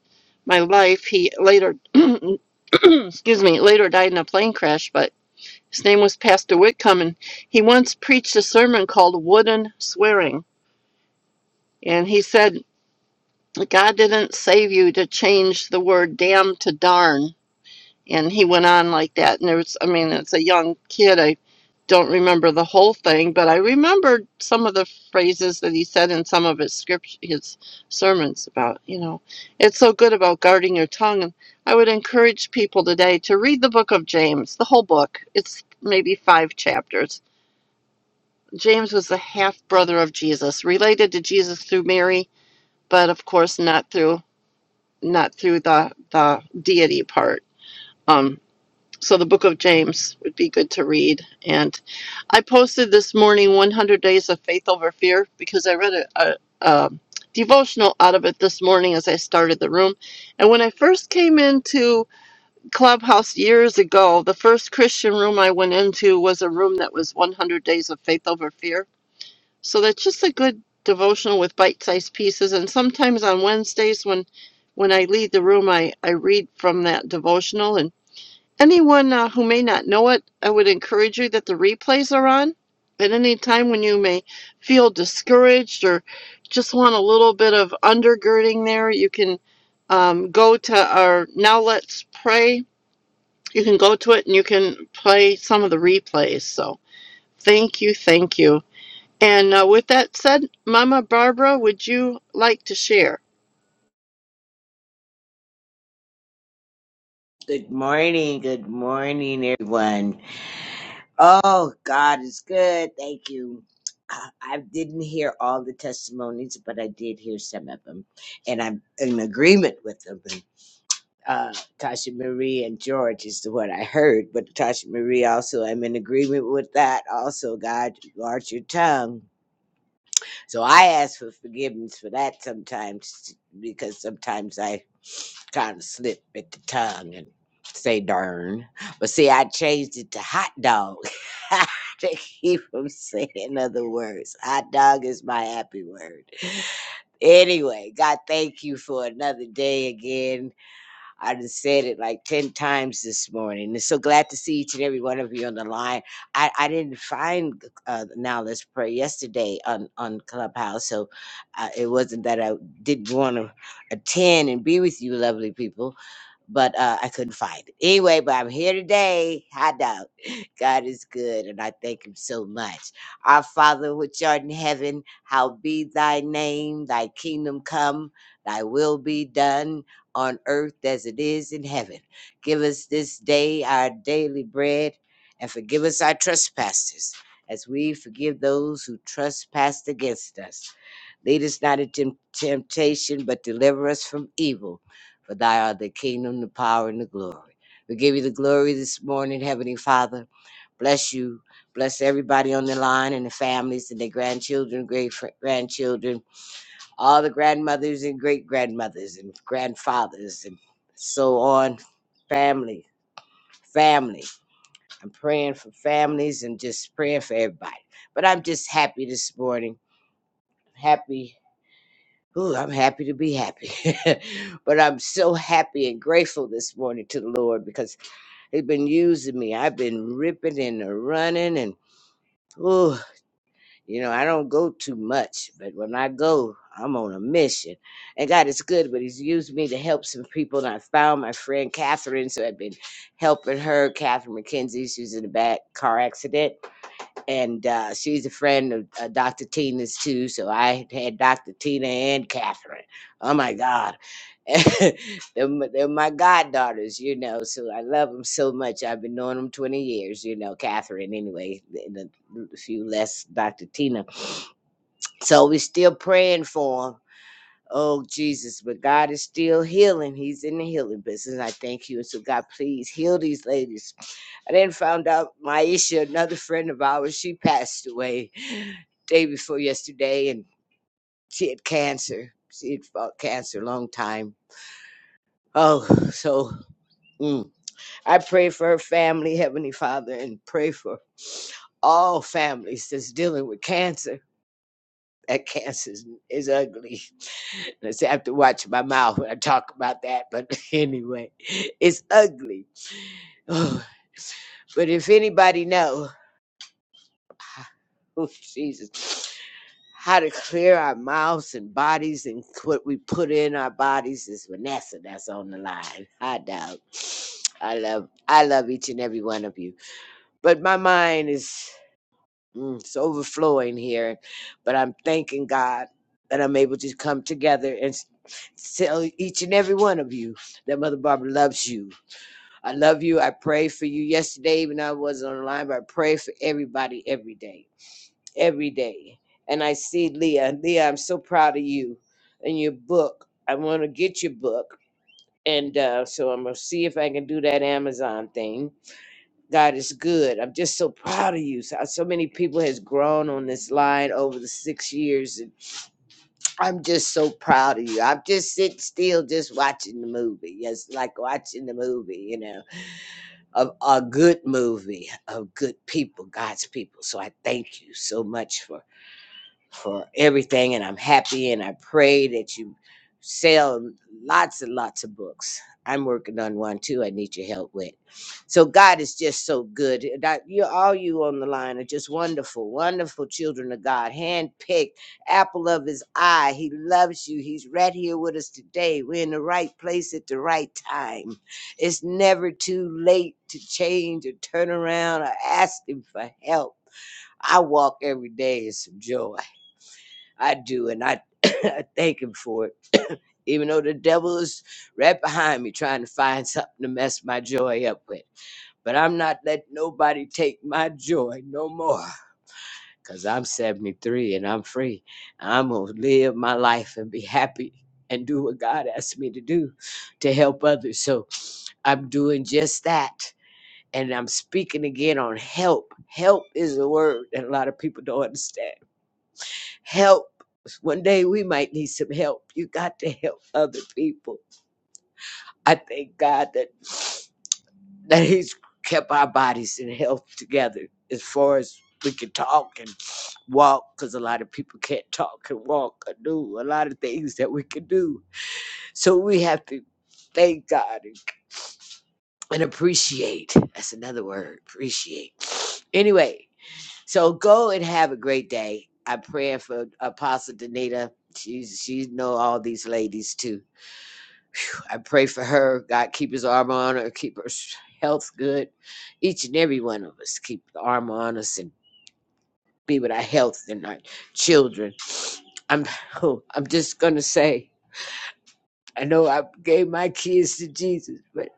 Speaker 1: My life. He later, excuse me, later died in a plane crash. But his name was Pastor Whitcomb, and he once preached a sermon called "Wooden Swearing," and he said. God didn't save you to change the word damn to darn and he went on like that and there was i mean it's a young kid i don't remember the whole thing but i remembered some of the phrases that he said in some of his script his sermons about you know it's so good about guarding your tongue and i would encourage people today to read the book of james the whole book it's maybe five chapters james was the half brother of jesus related to jesus through mary but of course not through not through the the deity part Um. So the book of James would be good to read. And I posted this morning 100 Days of Faith Over Fear because I read a, a, a devotional out of it this morning as I started the room. And when I first came into Clubhouse years ago, the first Christian room I went into was a room that was 100 Days of Faith Over Fear. So that's just a good devotional with bite-sized pieces. And sometimes on Wednesdays when when I lead the room, I, I read from that devotional and anyone uh, who may not know it, I would encourage you that the replays are on. At any time when you may feel discouraged or just want a little bit of undergirding there, you can um, go to our Now Let's Pray. You can go to it and you can play some of the replays. So thank you, thank you. And uh, with that said, Mama Barbara, would you like to share?
Speaker 7: Good morning, good morning, everyone. Oh, God is good. Thank you. I I didn't hear all the testimonies, but I did hear some of them, and I'm in agreement with them. Uh, Tasha Marie and George is the one I heard, but Tasha Marie also, I'm in agreement with that. Also, God, guard your tongue. So I ask for forgiveness for that sometimes because sometimes I kind of slip at the tongue and say darn. But see, I changed it to hot dog. to keep from saying other words. Hot dog is my happy word. Anyway, God, thank you for another day again. I just said it like 10 times this morning. And so glad to see each and every one of you on the line. I, I didn't find uh, Now Let's Pray yesterday on, on Clubhouse. So uh, it wasn't that I didn't want to attend and be with you, lovely people, but uh, I couldn't find it. Anyway, but I'm here today. I know God is good, and I thank Him so much. Our Father, which art in heaven, how be thy name, thy kingdom come, thy will be done on earth as it is in heaven. Give us this day our daily bread, and forgive us our trespasses, as we forgive those who trespass against us. Lead us not into temptation, but deliver us from evil. For thy art the kingdom, the power, and the glory. We give you the glory this morning, Heavenly Father. Bless you. Bless everybody on the line and the families and their grandchildren, great fr- grandchildren all the grandmothers and great grandmothers and grandfathers and so on. Family, family. I'm praying for families and just praying for everybody. But I'm just happy this morning. Happy. Ooh, I'm happy to be happy. but I'm so happy and grateful this morning to the Lord because He's been using me. I've been ripping and running and ooh. You know, I don't go too much, but when I go, I'm on a mission. And God is good, but He's used me to help some people. And I found my friend Catherine, so I've been helping her, Catherine McKenzie. She was in a bad car accident, and uh, she's a friend of uh, Dr. Tina's too. So I had Dr. Tina and Catherine. Oh my God. they're, my, they're my goddaughters, you know, so I love them so much. I've been knowing them 20 years, you know, Catherine, anyway, and a few less Dr. Tina so we're still praying for him. Oh Jesus, but God is still healing. He's in the healing business. I thank you. And so God, please heal these ladies. I then found out Maisha, another friend of ours, she passed away day before yesterday and she had cancer. She had fought cancer a long time. Oh, so mm, I pray for her family, Heavenly Father, and pray for all families that's dealing with cancer That cancer is, ugly. I say have to watch my mouth when I talk about that. But anyway, it's ugly. Oh, but if anybody know, oh Jesus, how to clear our mouths and bodies and what we put in our bodies is Vanessa. That's on the line. I doubt. I love. I love each and every one of you. But my mind is. Mm, it's overflowing here, but I'm thanking God that I'm able to come together and s- tell each and every one of you that Mother Barbara loves you. I love you. I pray for you yesterday when I was online, but I pray for everybody every day, every day. And I see Leah. Leah, I'm so proud of you and your book. I want to get your book. And uh, so I'm going to see if I can do that Amazon thing God is good. I'm just so proud of you. So, so many people has grown on this line over the six years, and I'm just so proud of you. I'm just sitting still, just watching the movie. Yes, like watching the movie, you know, of a good movie of good people, God's people. So I thank you so much for for everything and I'm happy and I pray that you sell lots and lots of books. I'm working on one too. I need your help with. So God is just so good. And I- You all you on the line are just wonderful, wonderful children of God, handpicked, apple of His eye. He loves you. He's right here with us today. We're in the right place at the right time. It's never too late to change or turn around or ask Him for help. I walk every day in some joy. I do, and I, I thank him for it. Even though the devil is right behind me trying to find something to mess my joy up with. But I'm not letting nobody take my joy no more. Cause I'm 73 and I'm free. I'm gonna live my life and be happy and do what God asked me to do to help others. So I'm doing just that. And I'm speaking again on help. Help is a word that a lot of people don't understand help. One day we might need some help. You got to help other people. I thank God that that He's kept our bodies in health together as far as we can talk and walk, because a lot of people can't talk and walk or do a lot of things that we can do. So we have to thank God and, and appreciate. That's another word, appreciate. Anyway, So go and have a great day. I pray for Apostle Danita. She's she know all these ladies too. I pray for her. God keep his armor on her, keep her health good. Each and every one of us keep the armor on us and be with our health and our children. I'm I'm just gonna say I know I gave my kids to Jesus, but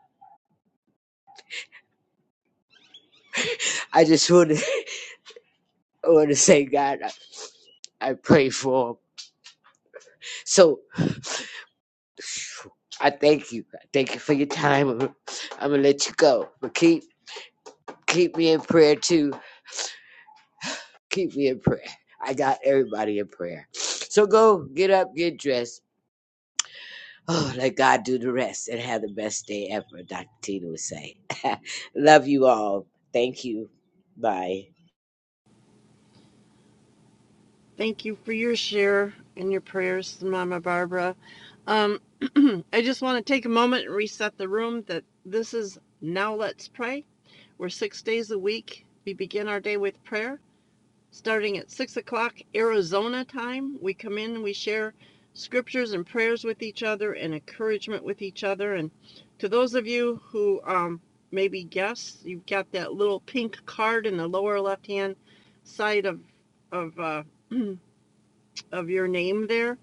Speaker 7: I just want to I want to say God, I, I pray for 'em. So I thank you. I thank you for your time. I'm, gonna let you go, but keep keep me in prayer too. Keep me in prayer. I got everybody in prayer. So go get up, get dressed. Oh, let God do the rest and have the best day ever. Dr. Tina would say. Love you all. Thank you. Bye.
Speaker 1: Thank you for your share and your prayers, Mama Barbara. Um, I just want to take a moment and reset the room that this is Now Let's Pray. We're six days a week. We begin our day with prayer. Starting at 6 o'clock Arizona time, we come in, and we share scriptures and prayers with each other and encouragement with each other. And to those of you who um, maybe guess, you've got that little pink card in the lower left hand side of, of uh, of your name there.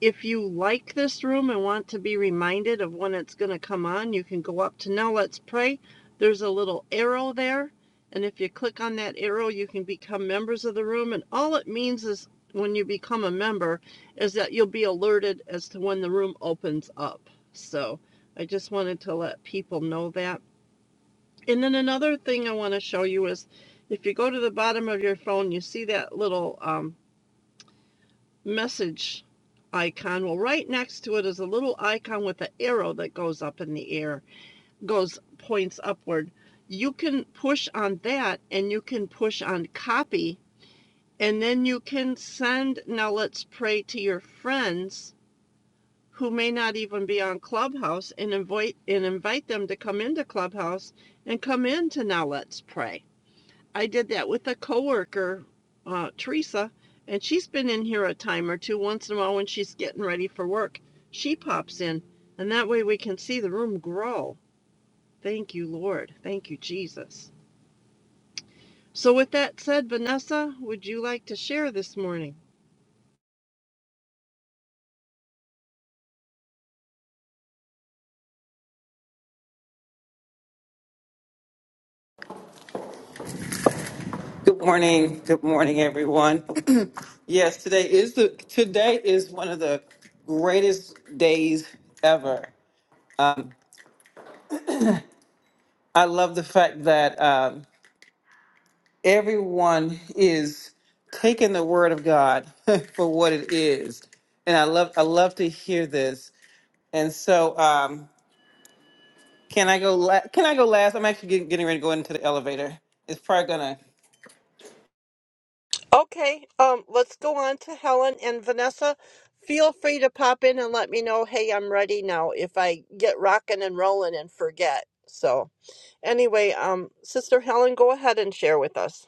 Speaker 1: If you like this room and want to be reminded of when it's going to come on, you can go up to Now Let's Pray. There's a little arrow there. And if you click on that arrow, you can become members of the room. And all it means is when you become a member is that you'll be alerted as to when the room opens up. So I just wanted to let people know that. And then another thing I want to show you is if you go to the bottom of your phone, you see that little um, message icon. Well, right next to it is a little icon with an arrow that goes up in the air, goes points upward. You can push on that and you can push on copy, and then you can send Now Let's Pray to your friends who may not even be on Clubhouse and invite and invite them to come into Clubhouse and come into Now Let's Pray. I did that with a coworker, uh, Teresa, and she's been in here a time or two once in a while when she's getting ready for work. She pops in, and that way we can see the room grow. Thank you, Lord. Thank you, Jesus. So, with that said, Vanessa, would you like to share this morning?
Speaker 8: Good morning. Good morning, everyone. yes, today is the today is one of the greatest days ever. Um, I love the fact that um, everyone is taking the word of God for what it is, and I love I love to hear this. And so, um, can I go? La- can I go last? I'm actually getting, getting ready to go into the elevator. It's probably gonna
Speaker 1: Okay, um, let's go on to Helen and Vanessa. Feel free to pop in and let me know, hey, I'm ready now if I get rocking and rolling and forget. So, anyway, um, Sister Helen, go ahead and share with us.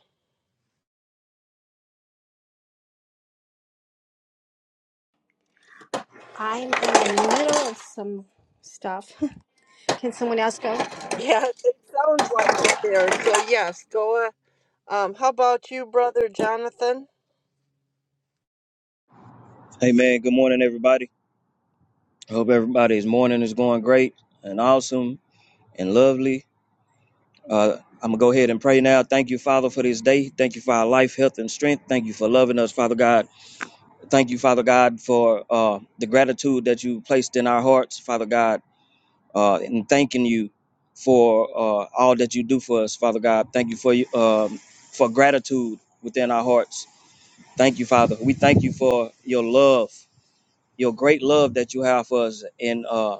Speaker 9: I'm in the middle of some stuff. Can someone else go?
Speaker 1: Yeah, it sounds like it there. So yes, go. Uh, um, how about you, brother Jonathan?
Speaker 10: Hey man, good morning everybody. I hope everybody's morning is going great and awesome and lovely. Uh, I'm gonna go ahead and pray now. Thank you, Father, for this day. Thank you for our life, health, and strength. Thank you for loving us, Father God. Thank you, Father God, for uh, the gratitude that you placed in our hearts, Father God, uh, and thanking you for uh, all that you do for us, Father God. Thank you for you um, for gratitude within our hearts. Thank you, Father. We thank you for your love, your great love that you have for us, and. uh,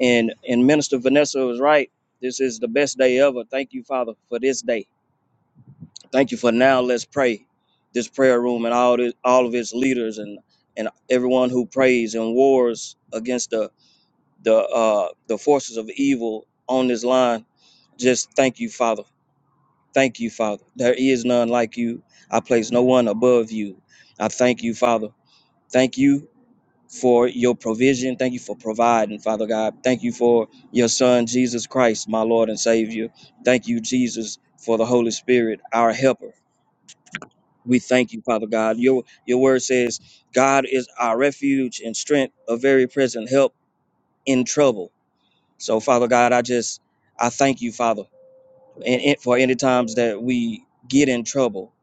Speaker 10: And and Minister Vanessa was right. This is the best day ever. Thank you, Father, for this day. Thank you for now. Let's pray. This prayer room and all this, all of its leaders and and everyone who prays and wars against the the uh, the forces of evil on this line. Just thank you, Father. Thank you, Father. There is none like you. I place no one above you. I thank you, Father. Thank you for your provision. Thank you for providing, Father God. Thank you for your Son, Jesus Christ, my Lord and Savior. Thank you, Jesus, for the Holy Spirit, our helper. We thank you, Father God. Your your word says, God is our refuge and strength, a very present help in trouble. So, Father God, I just I thank you, Father, and, and for any times that we get in trouble.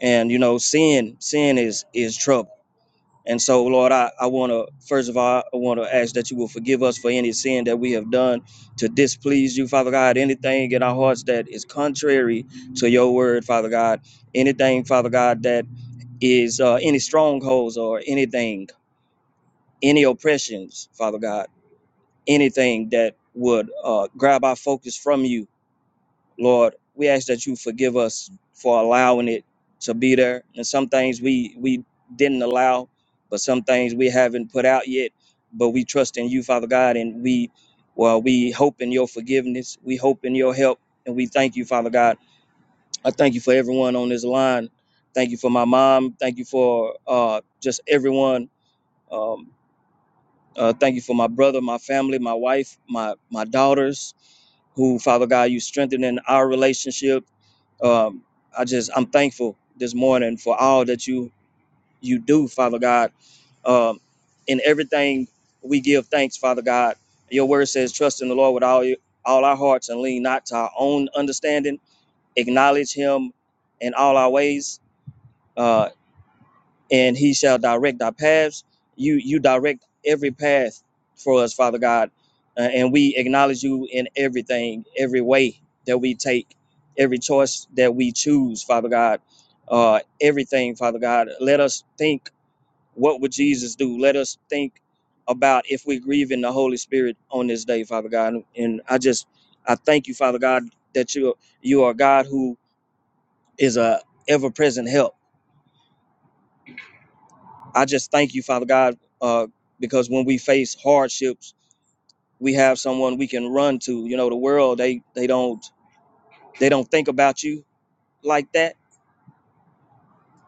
Speaker 10: And you know, sin, sin is is trouble And so, Lord, I, I want to, first of all, I want to ask that you will forgive us for any sin that we have done to displease you, Father God. Anything in our hearts that is contrary to your word, Father God. Anything, Father God, that is uh, any strongholds or anything, any oppressions, Father God. Anything that would uh, grab our focus from you Lord, we ask that you forgive us for allowing it to be there. And some things we we didn't allow, but some things we haven't put out yet. But we trust in you, Father God, and we well, we hope in your forgiveness. We hope in your help. And we thank you, Father God. I thank you for everyone on this line. Thank you for my mom. Thank you for uh, just everyone. Um, uh, thank you for my brother, my family, my wife, my my daughters, who, Father God, you strengthen in our relationship. Um, I just, I'm thankful this morning for all that you you do, Father God. Um, in everything we give thanks, Father God. Your word says, trust in the Lord with all your, all our hearts and lean not to our own understanding. Acknowledge Him in all our ways. Uh, and he shall direct our paths. You you direct every path for us, Father God, uh, and we acknowledge you in everything, every way that we take, every choice that we choose, Father God, uh, everything, Father God. Let us think, what would Jesus do? Let us think about if we're grieving the Holy Spirit on this day, Father God. And I just I thank you, Father God, that you you are God who is a ever present help I just thank you, Father God, uh, because when we face hardships, we have someone we can run to. You know, the world they they don't they don't think about you like that.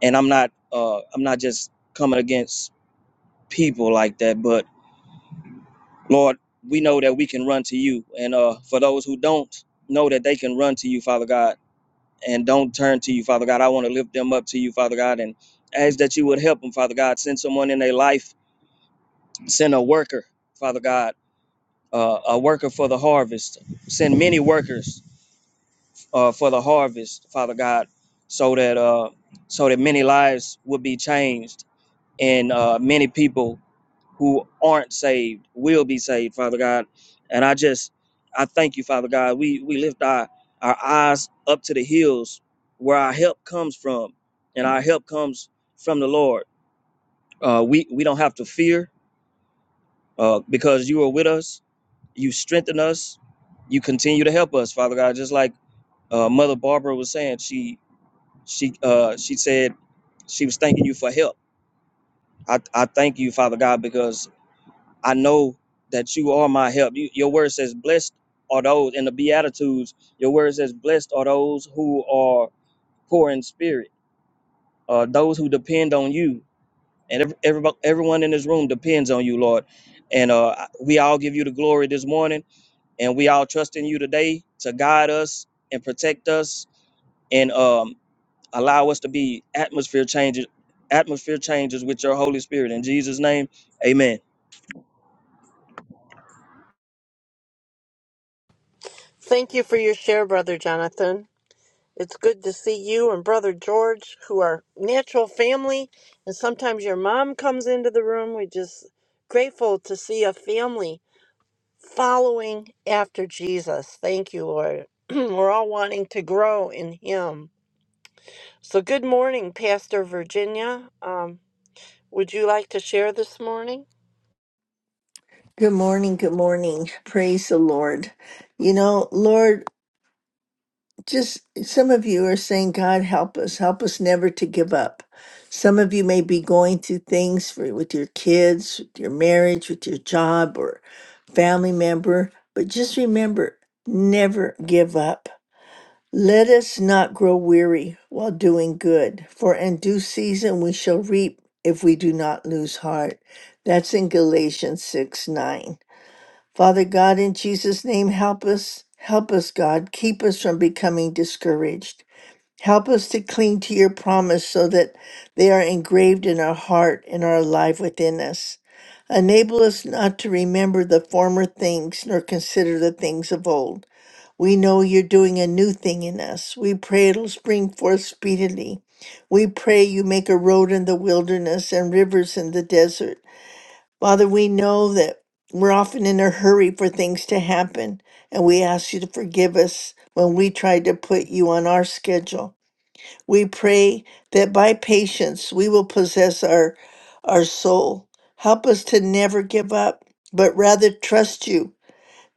Speaker 10: And I'm not uh, I'm not just coming against people like that, but Lord, we know that we can run to you. And uh, for those who don't know that they can run to you, Father God, and don't turn to you, Father God, I want to lift them up to you, Father God, and ask that you would help them, Father God. Send someone in their life, send a worker, Father God uh, a worker for the harvest. Send many workers uh, for the harvest, Father God, so that uh, so that many lives will be changed and uh, many people who aren't saved will be saved, Father God. And I just I thank you, Father God. We we lift our our eyes up to the hills where our help comes from, and our help comes from the Lord. Uh, we we don't have to fear uh, because you are with us you strengthen us you continue to help us father god just like uh, mother barbara was saying she she uh she said she was thanking you for help i i thank you father god because i know that you are my help you, your word says blessed are those in the beatitudes your word says blessed are those who are poor in spirit uh those who depend on you and every, everybo- everyone in this room depends on you lord and uh we all give you the glory this morning and we all trust in you today to guide us and protect us and um, allow us to be atmosphere changes atmosphere changes with your holy spirit in jesus name amen
Speaker 1: Thank you for your share, brother Jonathan. It's good to see you and brother George, who are natural family, and sometimes your mom comes into the room. We're just grateful to see a family following after Jesus. Thank you, Lord. We're all wanting to grow in Him. So, good morning, Pastor Virginia. Um, would you like to share this morning?
Speaker 11: Good morning. Good morning. Praise the Lord. You know, Lord, just some of you are saying, God, help us. Help us never to give up. Some of you may be going through things for, with your kids, with your marriage, with your job or family member, but just remember never give up. Let us not grow weary while doing good, for in due season we shall reap if we do not lose heart. That's in Galatians 6 9. Father God, in Jesus' name, help us. Help us, God. Keep us from becoming discouraged. Help us to cling to your promise so that they are engraved in our heart and are alive within us. Enable us not to remember the former things nor consider the things of old. We know you're doing a new thing in us. We pray it'll spring forth speedily. We pray you make a road in the wilderness and rivers in the desert. Father, we know that we're often in a hurry for things to happen, and we ask you to forgive us when we try to put you on our schedule. We pray that by patience we will possess our, our soul. Help us to never give up, but rather trust you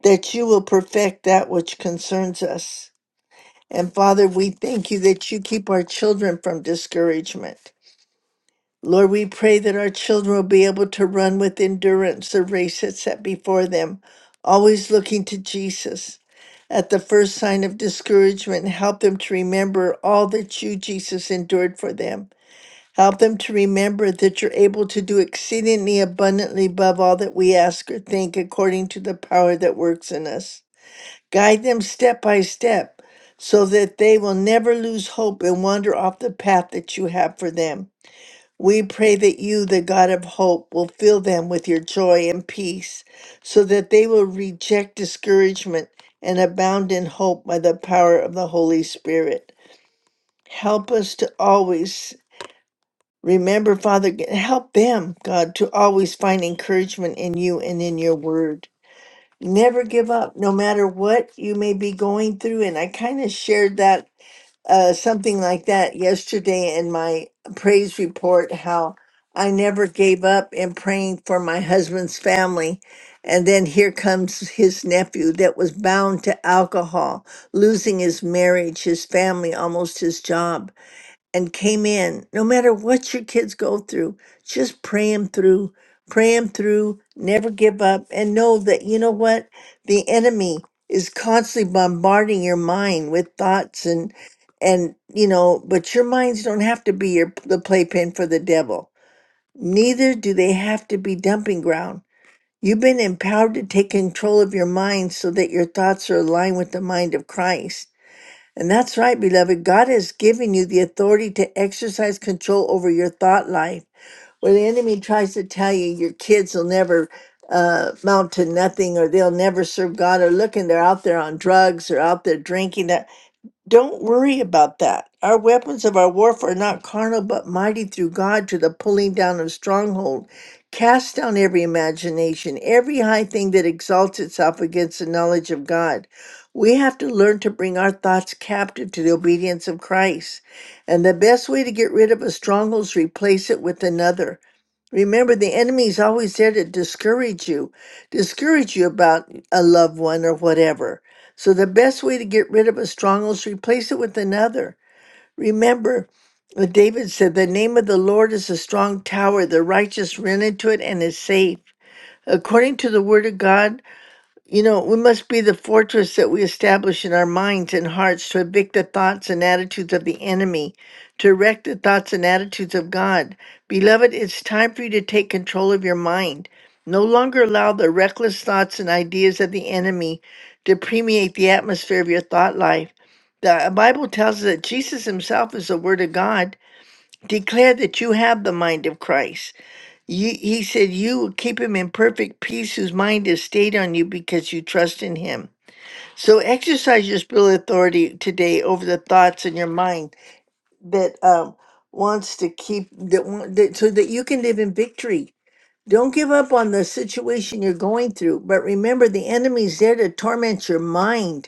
Speaker 11: that you will perfect that which concerns us. And Father, we thank you that you keep our children from discouragement. Lord, we pray that our children will be able to run with endurance the race that's set before them, always looking to Jesus. At the first sign of discouragement, help them to remember all that you, Jesus, endured for them. Help them to remember that you're able to do exceedingly abundantly above all that we ask or think, according to the power that works in us. Guide them step by step so that they will never lose hope and wander off the path that you have for them. We pray that you, the God of hope, will fill them with your joy and peace, so that they will reject discouragement and abound in hope by the power of the Holy Spirit. Help us to always remember, Father, g- help them, God, to always find encouragement in you and in your word. Never give up, no matter what you may be going through. And I kind of shared that uh, something like that yesterday in my praise report how I never gave up in praying for my husband's family. And then here comes his nephew that was bound to alcohol, losing his marriage, his family, almost his job and came in. No matter what your kids go through, just pray them through, pray them through, never give up, and know that you know what? The enemy is constantly bombarding your mind with thoughts and and you know, but your minds don't have to be your the playpen for the devil. Neither do they have to be dumping ground. You've been empowered to take control of your mind so that your thoughts are aligned with the mind of Christ and that's right, beloved. God has given you the authority to exercise control over your thought life. Where the enemy tries to tell you your kids will never uh, amount to nothing or they'll never serve God or look and they're out there on drugs or out there drinking. uh, don't worry about that. Our weapons of our warfare are not carnal, but mighty through God to the pulling down of stronghold. Cast down every imagination, every high thing that exalts itself against the knowledge of God. We have to learn to bring our thoughts captive to the obedience of Christ. And the best way to get rid of a stronghold is replace it with another. Remember, the enemy is always there to discourage you, discourage you about a loved one or whatever. So the best way to get rid of a stronghold is to replace it with another. Remember, what David said, "The name of the Lord is a strong tower; the righteous run into it and is safe." According to the Word of God, you know, we must be the fortress that we establish in our minds and hearts to evict the thoughts and attitudes of the enemy, to erect the thoughts and attitudes of God. Beloved, it's time for you to take control of your mind. No longer allow the reckless thoughts and ideas of the enemy to permeate the atmosphere of your thought life. The Bible tells us that Jesus himself is the Word of God. Declare that you have the mind of Christ. You, he said, You will keep him in perfect peace whose mind is stayed on you because you trust in him. So exercise your spiritual authority today over the thoughts in your mind that um, wants to keep, that, want, that so that you can live in victory. Don't give up on the situation you're going through, but remember the enemy's there to torment your mind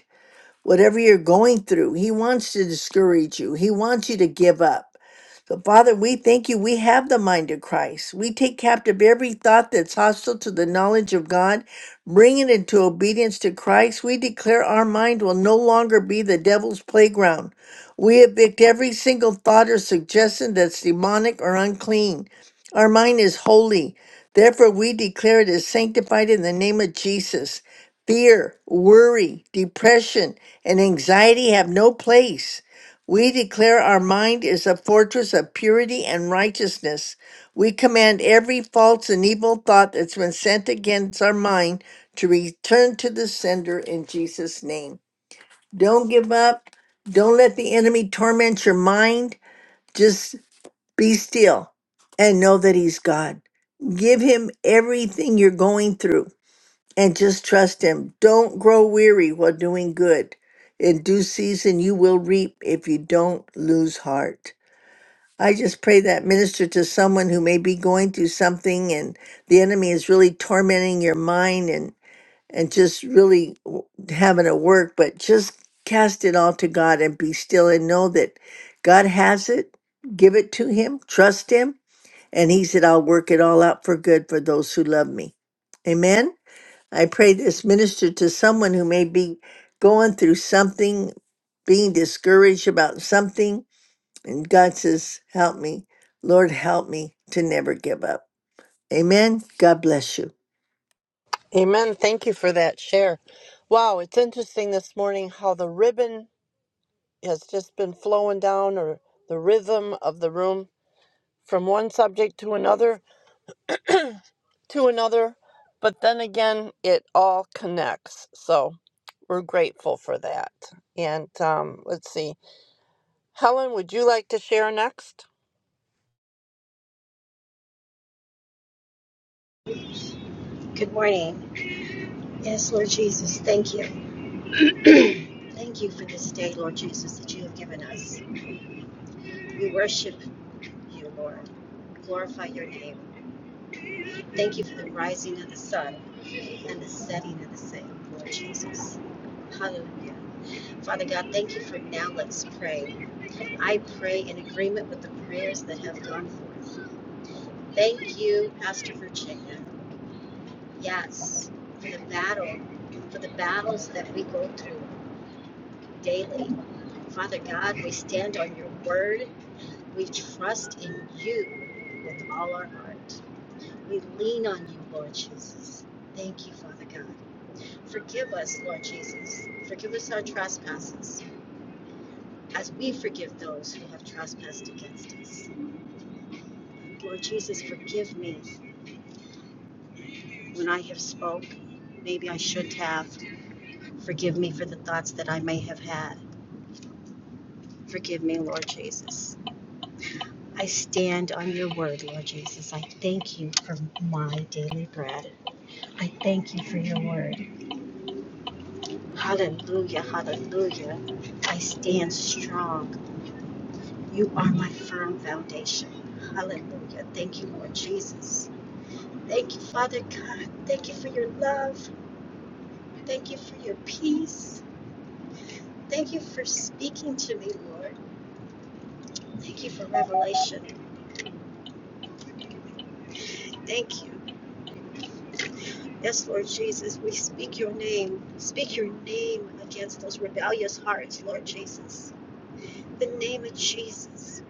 Speaker 11: whatever you're going through. He wants to discourage you, He wants you to give up. So, Father, we thank you. We have the mind of Christ. We take captive every thought that's hostile to the knowledge of God, bring it into obedience to Christ. We declare our mind will no longer be the devil's playground. We evict every single thought or suggestion that's demonic or unclean. Our mind is holy. Therefore, we declare it is sanctified in the name of Jesus. Fear, worry, depression, and anxiety have no place. We declare our mind is a fortress of purity and righteousness. We command every false and evil thought that's been sent against our mind to return to the sender in Jesus' name. Don't give up. Don't let the enemy torment your mind. Just be still and know that he's God. Give him everything you're going through and just trust Him. Don't grow weary while doing good. In due season, you will reap if you don't lose heart. I just pray that minister to someone who may be going through something and the enemy is really tormenting your mind and, and just really w- having it work, but just cast it all to God and be still and know that God has it. Give it to Him, trust Him. And He said, I'll work it all out for good for those who love me. Amen. I pray this minister to someone who may be going through something, being discouraged about something. And God says, Help me. Lord, help me to never give up. Amen. God bless you.
Speaker 1: Amen. Thank you for that share. Wow, it's interesting this morning how the ribbon has just been flowing down or the rhythm of the room from one subject to another to another. But then again, it all connects. So we're grateful for that. And um, let's see. Helen, would you like to share next?
Speaker 9: Good morning. Yes, Lord Jesus, thank you. Thank you for this day, Lord Jesus, that you have given us. We worship you, Lord. Glorify your name. Thank you for the rising of the sun and the setting of the same, Lord Jesus. Hallelujah. Father God, thank you for now. Let's pray. I pray in agreement with the prayers that have gone forth. Thank you, Pastor Virginia. Yes, for the battle, for the battles that we go through daily. Father God, we stand on your word. We trust in you with all our heart. We lean on you, Lord Jesus. Thank you, Father God. Forgive us, Lord Jesus. Forgive us our trespasses as we forgive those who have trespassed against us. Lord Jesus, forgive me when I have spoke. Maybe I should have. Forgive me for the thoughts that I may have had. Forgive me, Lord Jesus. I stand on your word, Lord Jesus. I thank you for my daily bread. I thank you for your word. Hallelujah, hallelujah. I stand strong. You are my firm foundation. Hallelujah. Thank you, Lord Jesus. Thank you, Father God. Thank you for your love. Thank you for your peace. Thank you for speaking to me, Lord. Thank you for revelation. Thank you. Yes, Lord Jesus, we speak your name. Speak your name against those rebellious hearts, Lord Jesus. The name of Jesus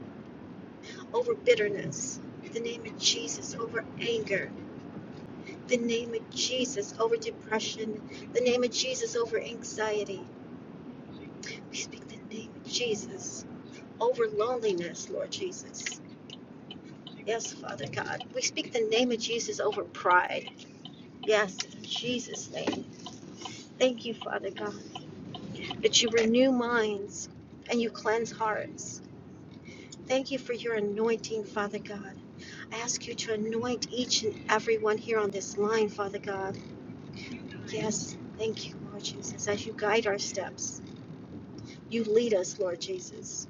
Speaker 9: over bitterness. The name of Jesus over anger. The name of Jesus over depression. The name of Jesus over anxiety. We speak the name of Jesus over loneliness, Lord Jesus. Yes, Father God. We speak the name of Jesus over pride. Yes, in Jesus' name. Thank you, Father God. that you renew minds and you cleanse hearts. Thank you for your anointing, Father God. I ask you to anoint each and every one here on this line, Father God. Yes, thank you, Lord Jesus, as you guide our steps. You lead us, Lord Jesus.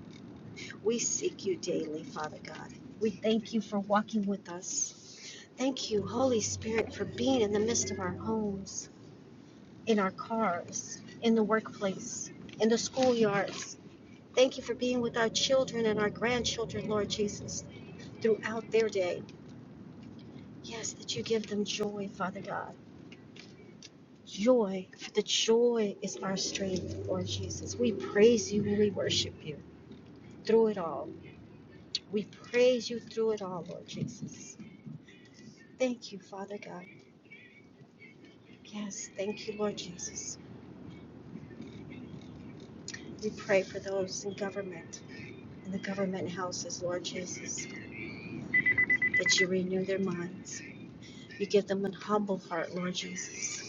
Speaker 9: We seek you daily, Father God. We thank you for walking with us. Thank you, Holy Spirit, for being in the midst of our homes, in our cars, in the workplace, in the schoolyards, Thank you for being with our children and our grandchildren, Lord Jesus, throughout their day. Yes, that you give them joy, Father God. Joy, for the joy is our strength, Lord Jesus. We praise you and we worship you through it all. We praise you through it all, Lord Jesus. Thank you, Father God. Yes, thank you, Lord Jesus. We pray for those in government, in the government houses, Lord Jesus, that you renew their minds. You give them an humble heart, Lord Jesus.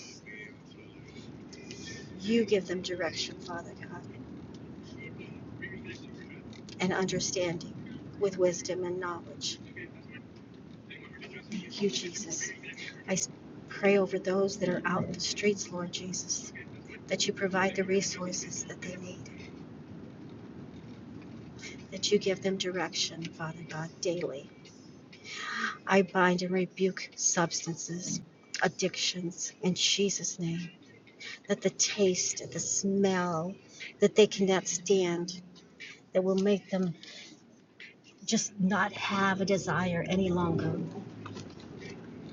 Speaker 9: You give them direction, Father God, and understanding with wisdom and knowledge. Thank you, Jesus. I pray over those that are out in the streets, Lord Jesus, that you provide the resources that they need, that you give them direction, Father God, daily. I bind and rebuke substances, addictions, in Jesus' name, that the taste, the smell that they cannot stand, that will make them just not have a desire any longer.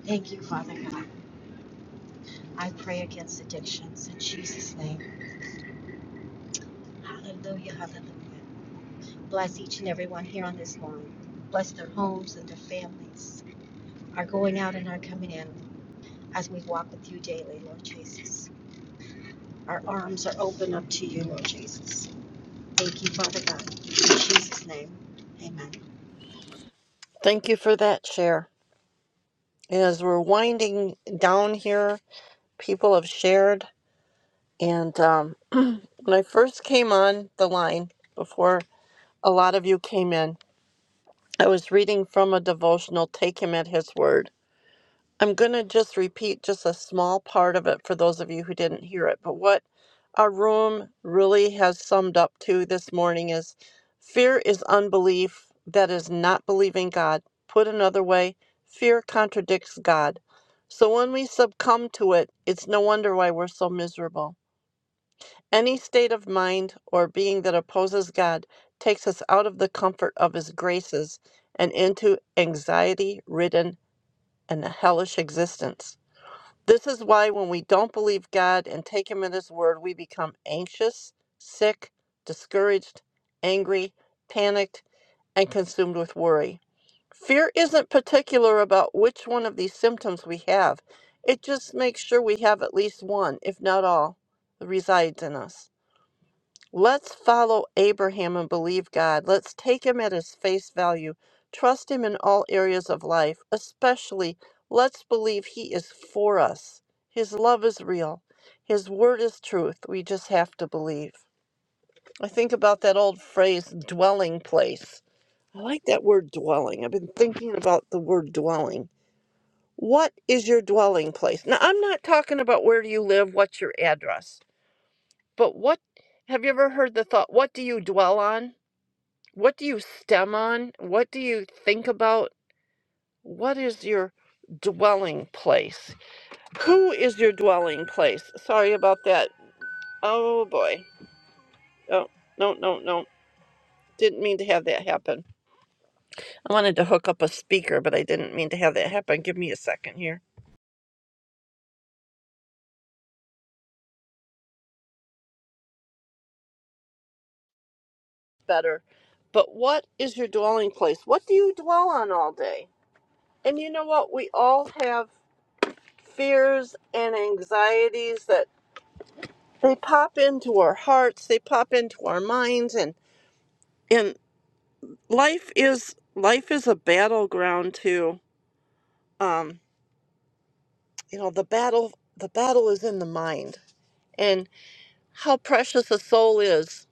Speaker 9: Thank you, Father God. I pray against addictions in Jesus' name. Hallelujah, hallelujah. Bless each and every one here on this line. Bless their homes and their families, our going out and our coming in as we walk with you daily, Lord Jesus. Our arms are open up to you, Lord Jesus. Thank you, Father God. In Jesus' name, amen.
Speaker 1: Thank you for that share. And As we're winding down here, people have shared. And um, when I first came on the line before a lot of you came in. I was reading from a devotional, Take Him at His Word. I'm going to just repeat just a small part of it for those of you who didn't hear it. But what our room really has summed up to this morning is fear is unbelief that is not believing God. Put another way, fear contradicts God. So when we succumb to it, it's no wonder why we're so miserable any state of mind or being that opposes God takes us out of the comfort of His graces and into anxiety ridden and a hellish existence. This is why, when we don't believe God and take Him at His word, we become anxious, sick, discouraged, angry, panicked, and consumed with worry. Fear isn't particular about which one of these symptoms we have, it just makes sure we have at least one, if not all, that resides in us. Let's follow Abraham and believe God. Let's take him at his face value. Trust him in all areas of life, especially let's believe he is for us. His love is real. His word is truth. We just have to believe. I think about that old phrase, dwelling place. I like that word dwelling. I've been thinking about the word dwelling. What is your dwelling place? Now, I'm not talking about where do you live, what's your address, but what have you ever heard the thought, what do you dwell on? What do you stem on? What do you think about? What is your dwelling place? Who is your dwelling place? Sorry about that. Oh boy. Oh, no, no, no. Didn't mean to have that happen. I wanted to hook up a speaker, but I didn't mean to have that happen. Give me a second here. Better. But what is your dwelling place? What do you dwell on all day? And you know what? We all have fears and anxieties that they pop into our hearts they pop into our minds and and life is life is a battleground too um you know the battle the battle is in the mind and how precious a soul is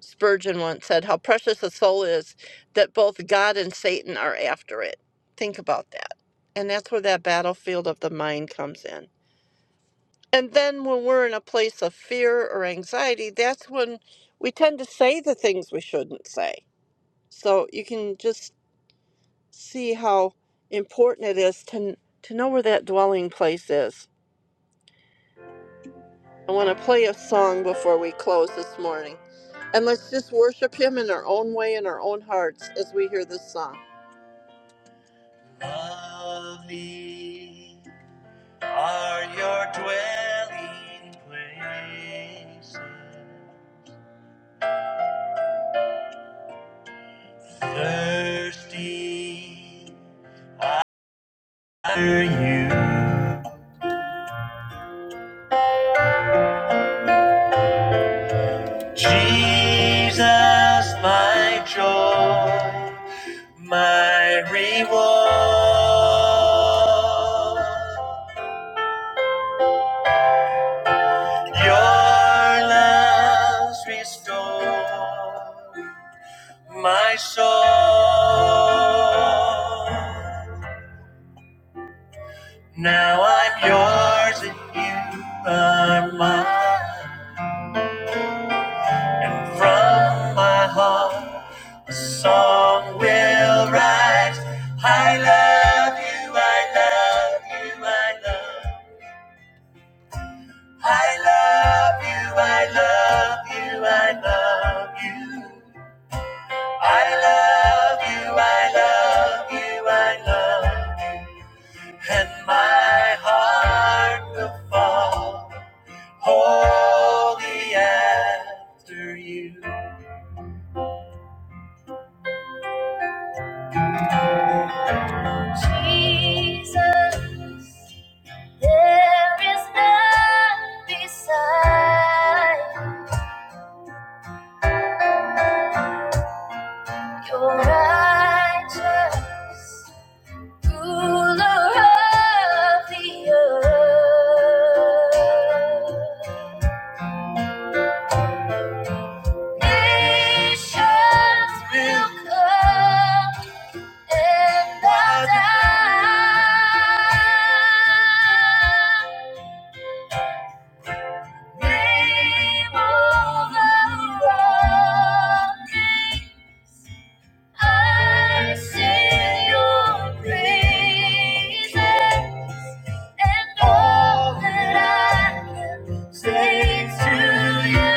Speaker 1: spurgeon once said how precious a soul is that both god and satan are after it think about that and that's where that battlefield of the mind comes in and then when we're in a place of fear or anxiety that's when we tend to say the things we shouldn't say So you can just see how important it is to to know where that dwelling place is. I want to play a song before we close this morning. And let's just worship him in our own way in our own hearts as we hear this song. Lovely are your dwelling places. Thirsty are you. Jesus, my joy, my reward, your love's restore my soul. Now I'm yours and you are mine. And from my heart, a song will rise. I love you, I love you, I love. I love you, I love you, I love you. I love you, I love you, I love you. And my heart will fall wholly after you. Jesus. There is none beside your righteous ruler of the earth. Nations will come and bow down. Name of the rock. I sing your praises and all that I can say is to you.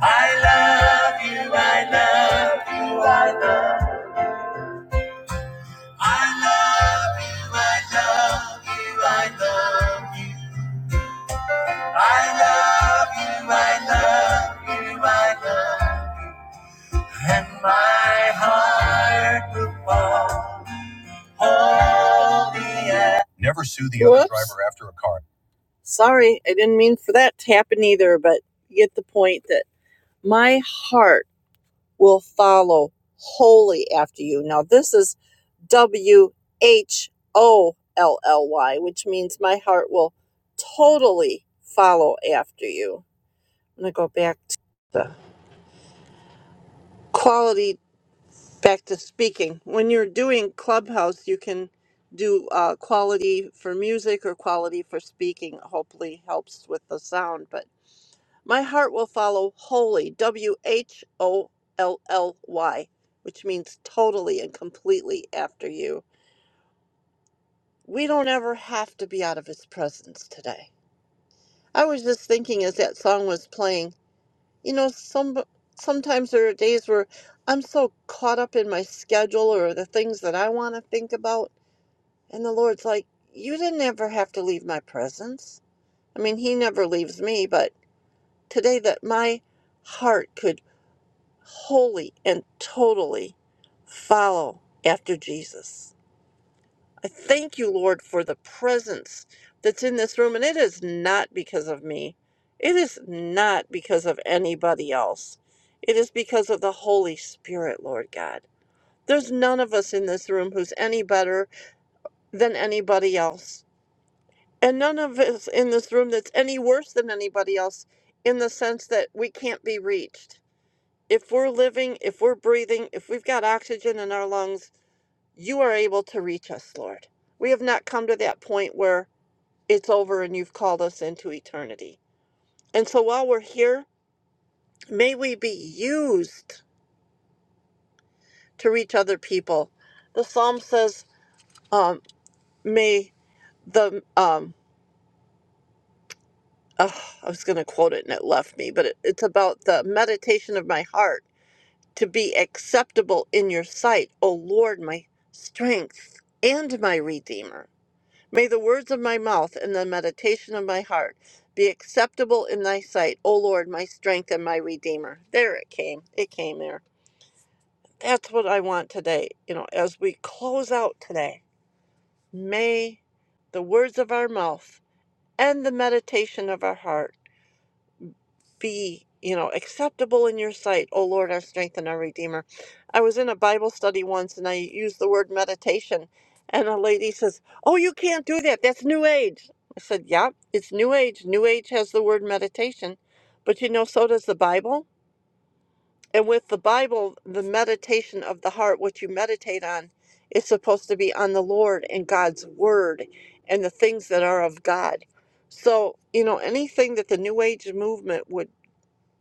Speaker 1: I love you, I love you, I love you. I love you, I love you, I love you. I love you, I love you, I love you. And my heart will fall. Never sue the Whoops. other driver after a car. Sorry, I didn't mean for that to happen either, but you get the point that my heart will follow wholly after you. Now, this is W H O L L Y, which means my heart will totally follow after you. I'm going to go back to the quality back to speaking when you're doing clubhouse you can do uh, quality for music or quality for speaking hopefully helps with the sound but my heart will follow wholly w-h-o-l-l-y which means totally and completely after you we don't ever have to be out of his presence today i was just thinking as that song was playing you know some sometimes there are days where i'm so caught up in my schedule or the things that i want to think about And the Lord's like, You didn't ever have to leave my presence. I mean, He never leaves me, but today that my heart could wholly and totally follow after Jesus. I thank you, Lord, for the presence that's in this room. And it is not because of me, it is not because of anybody else. It is because of the Holy Spirit, Lord God. There's none of us in this room who's any better than anybody else. And none of us in this room that's any worse than anybody else in the sense that we can't be reached. If we're living, if we're breathing, if we've got oxygen in our lungs, you are able to reach us, Lord. We have not come to that point where it's over and you've called us into eternity. And so while we're here, may we be used to reach other people. The psalm says, um, may the, um, oh, I was going to quote it and it left me, but it, it's about the meditation of my heart to be acceptable in your sight, O Lord, my strength and my redeemer. May the words of my mouth and the meditation of my heart be acceptable in thy sight, O Lord, my strength and my redeemer. There it came. It came there. That's what I want today. You know, as we close out today, may the words of our mouth and the meditation of our heart be, you know, acceptable in your sight, O Lord, our strength and our redeemer. I was in a Bible study once and I used the word meditation, and a lady says, Oh, you can't do that. That's New Age. I said, Yeah, it's New Age. New Age has the word meditation, but you know, so does the Bible. And with the Bible, the meditation of the heart, what you meditate on, is supposed to be on the Lord and God's word and the things that are of God. So, you know, anything that the New Age movement would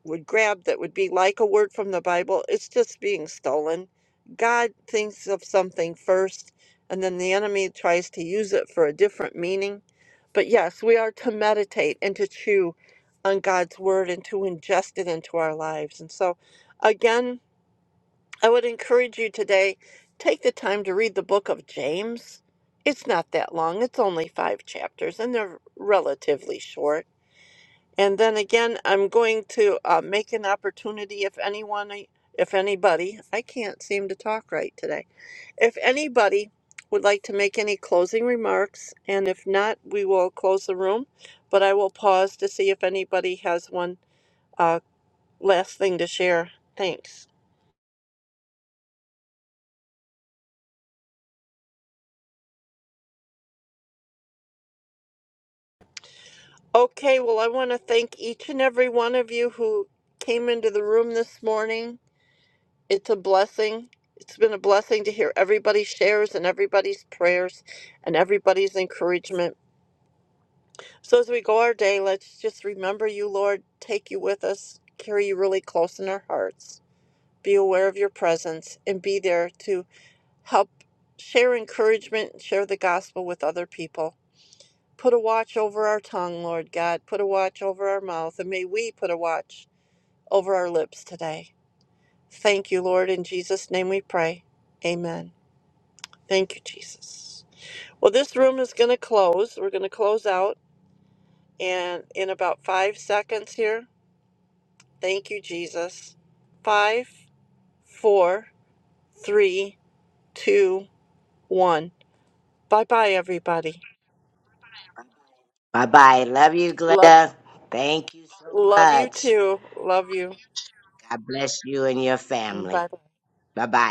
Speaker 1: would grab that would be like a word from the Bible, it's just being stolen. God thinks of something first, and then the enemy tries to use it for a different meaning. But yes, we are to meditate and to chew on God's word and to ingest it into our lives. And so, again, I would encourage you today take the time to read the book of James. It's not that long, it's only five chapters, and they're relatively short and then again, I'm going to uh, make an opportunity if anyone, if anybody, I can't seem to talk right today. If anybody would like to make any closing remarks, and if not, we will close the room. But I will pause to see if anybody has one uh, last thing to share. Thanks. Okay, well, I want to thank each and every one of you who came into the room this morning It's a blessing. It's been a blessing to hear everybody's shares and everybody's prayers and everybody's encouragement. So as we go our day, let's just remember you, Lord, take you with us, carry you really close in our hearts. Be aware of your presence and be there to help share encouragement, share the gospel with other people. Put a watch over our tongue, Lord God. Put a watch over our mouth, and may we put a watch over our lips today. Thank you, Lord. In Jesus' name we pray. Amen. Thank you, Jesus. Well, this room is going to close. We're going to close out and in about five seconds here. Thank you, Jesus. Five, four, three, two, one. Bye bye, everybody.
Speaker 7: Bye bye. Love you,
Speaker 1: Love,
Speaker 7: Glenda. Thank you so
Speaker 1: love you
Speaker 7: much.
Speaker 1: too. Love you.
Speaker 7: God bless you and your
Speaker 1: Bye bye.
Speaker 7: family. Bye bye.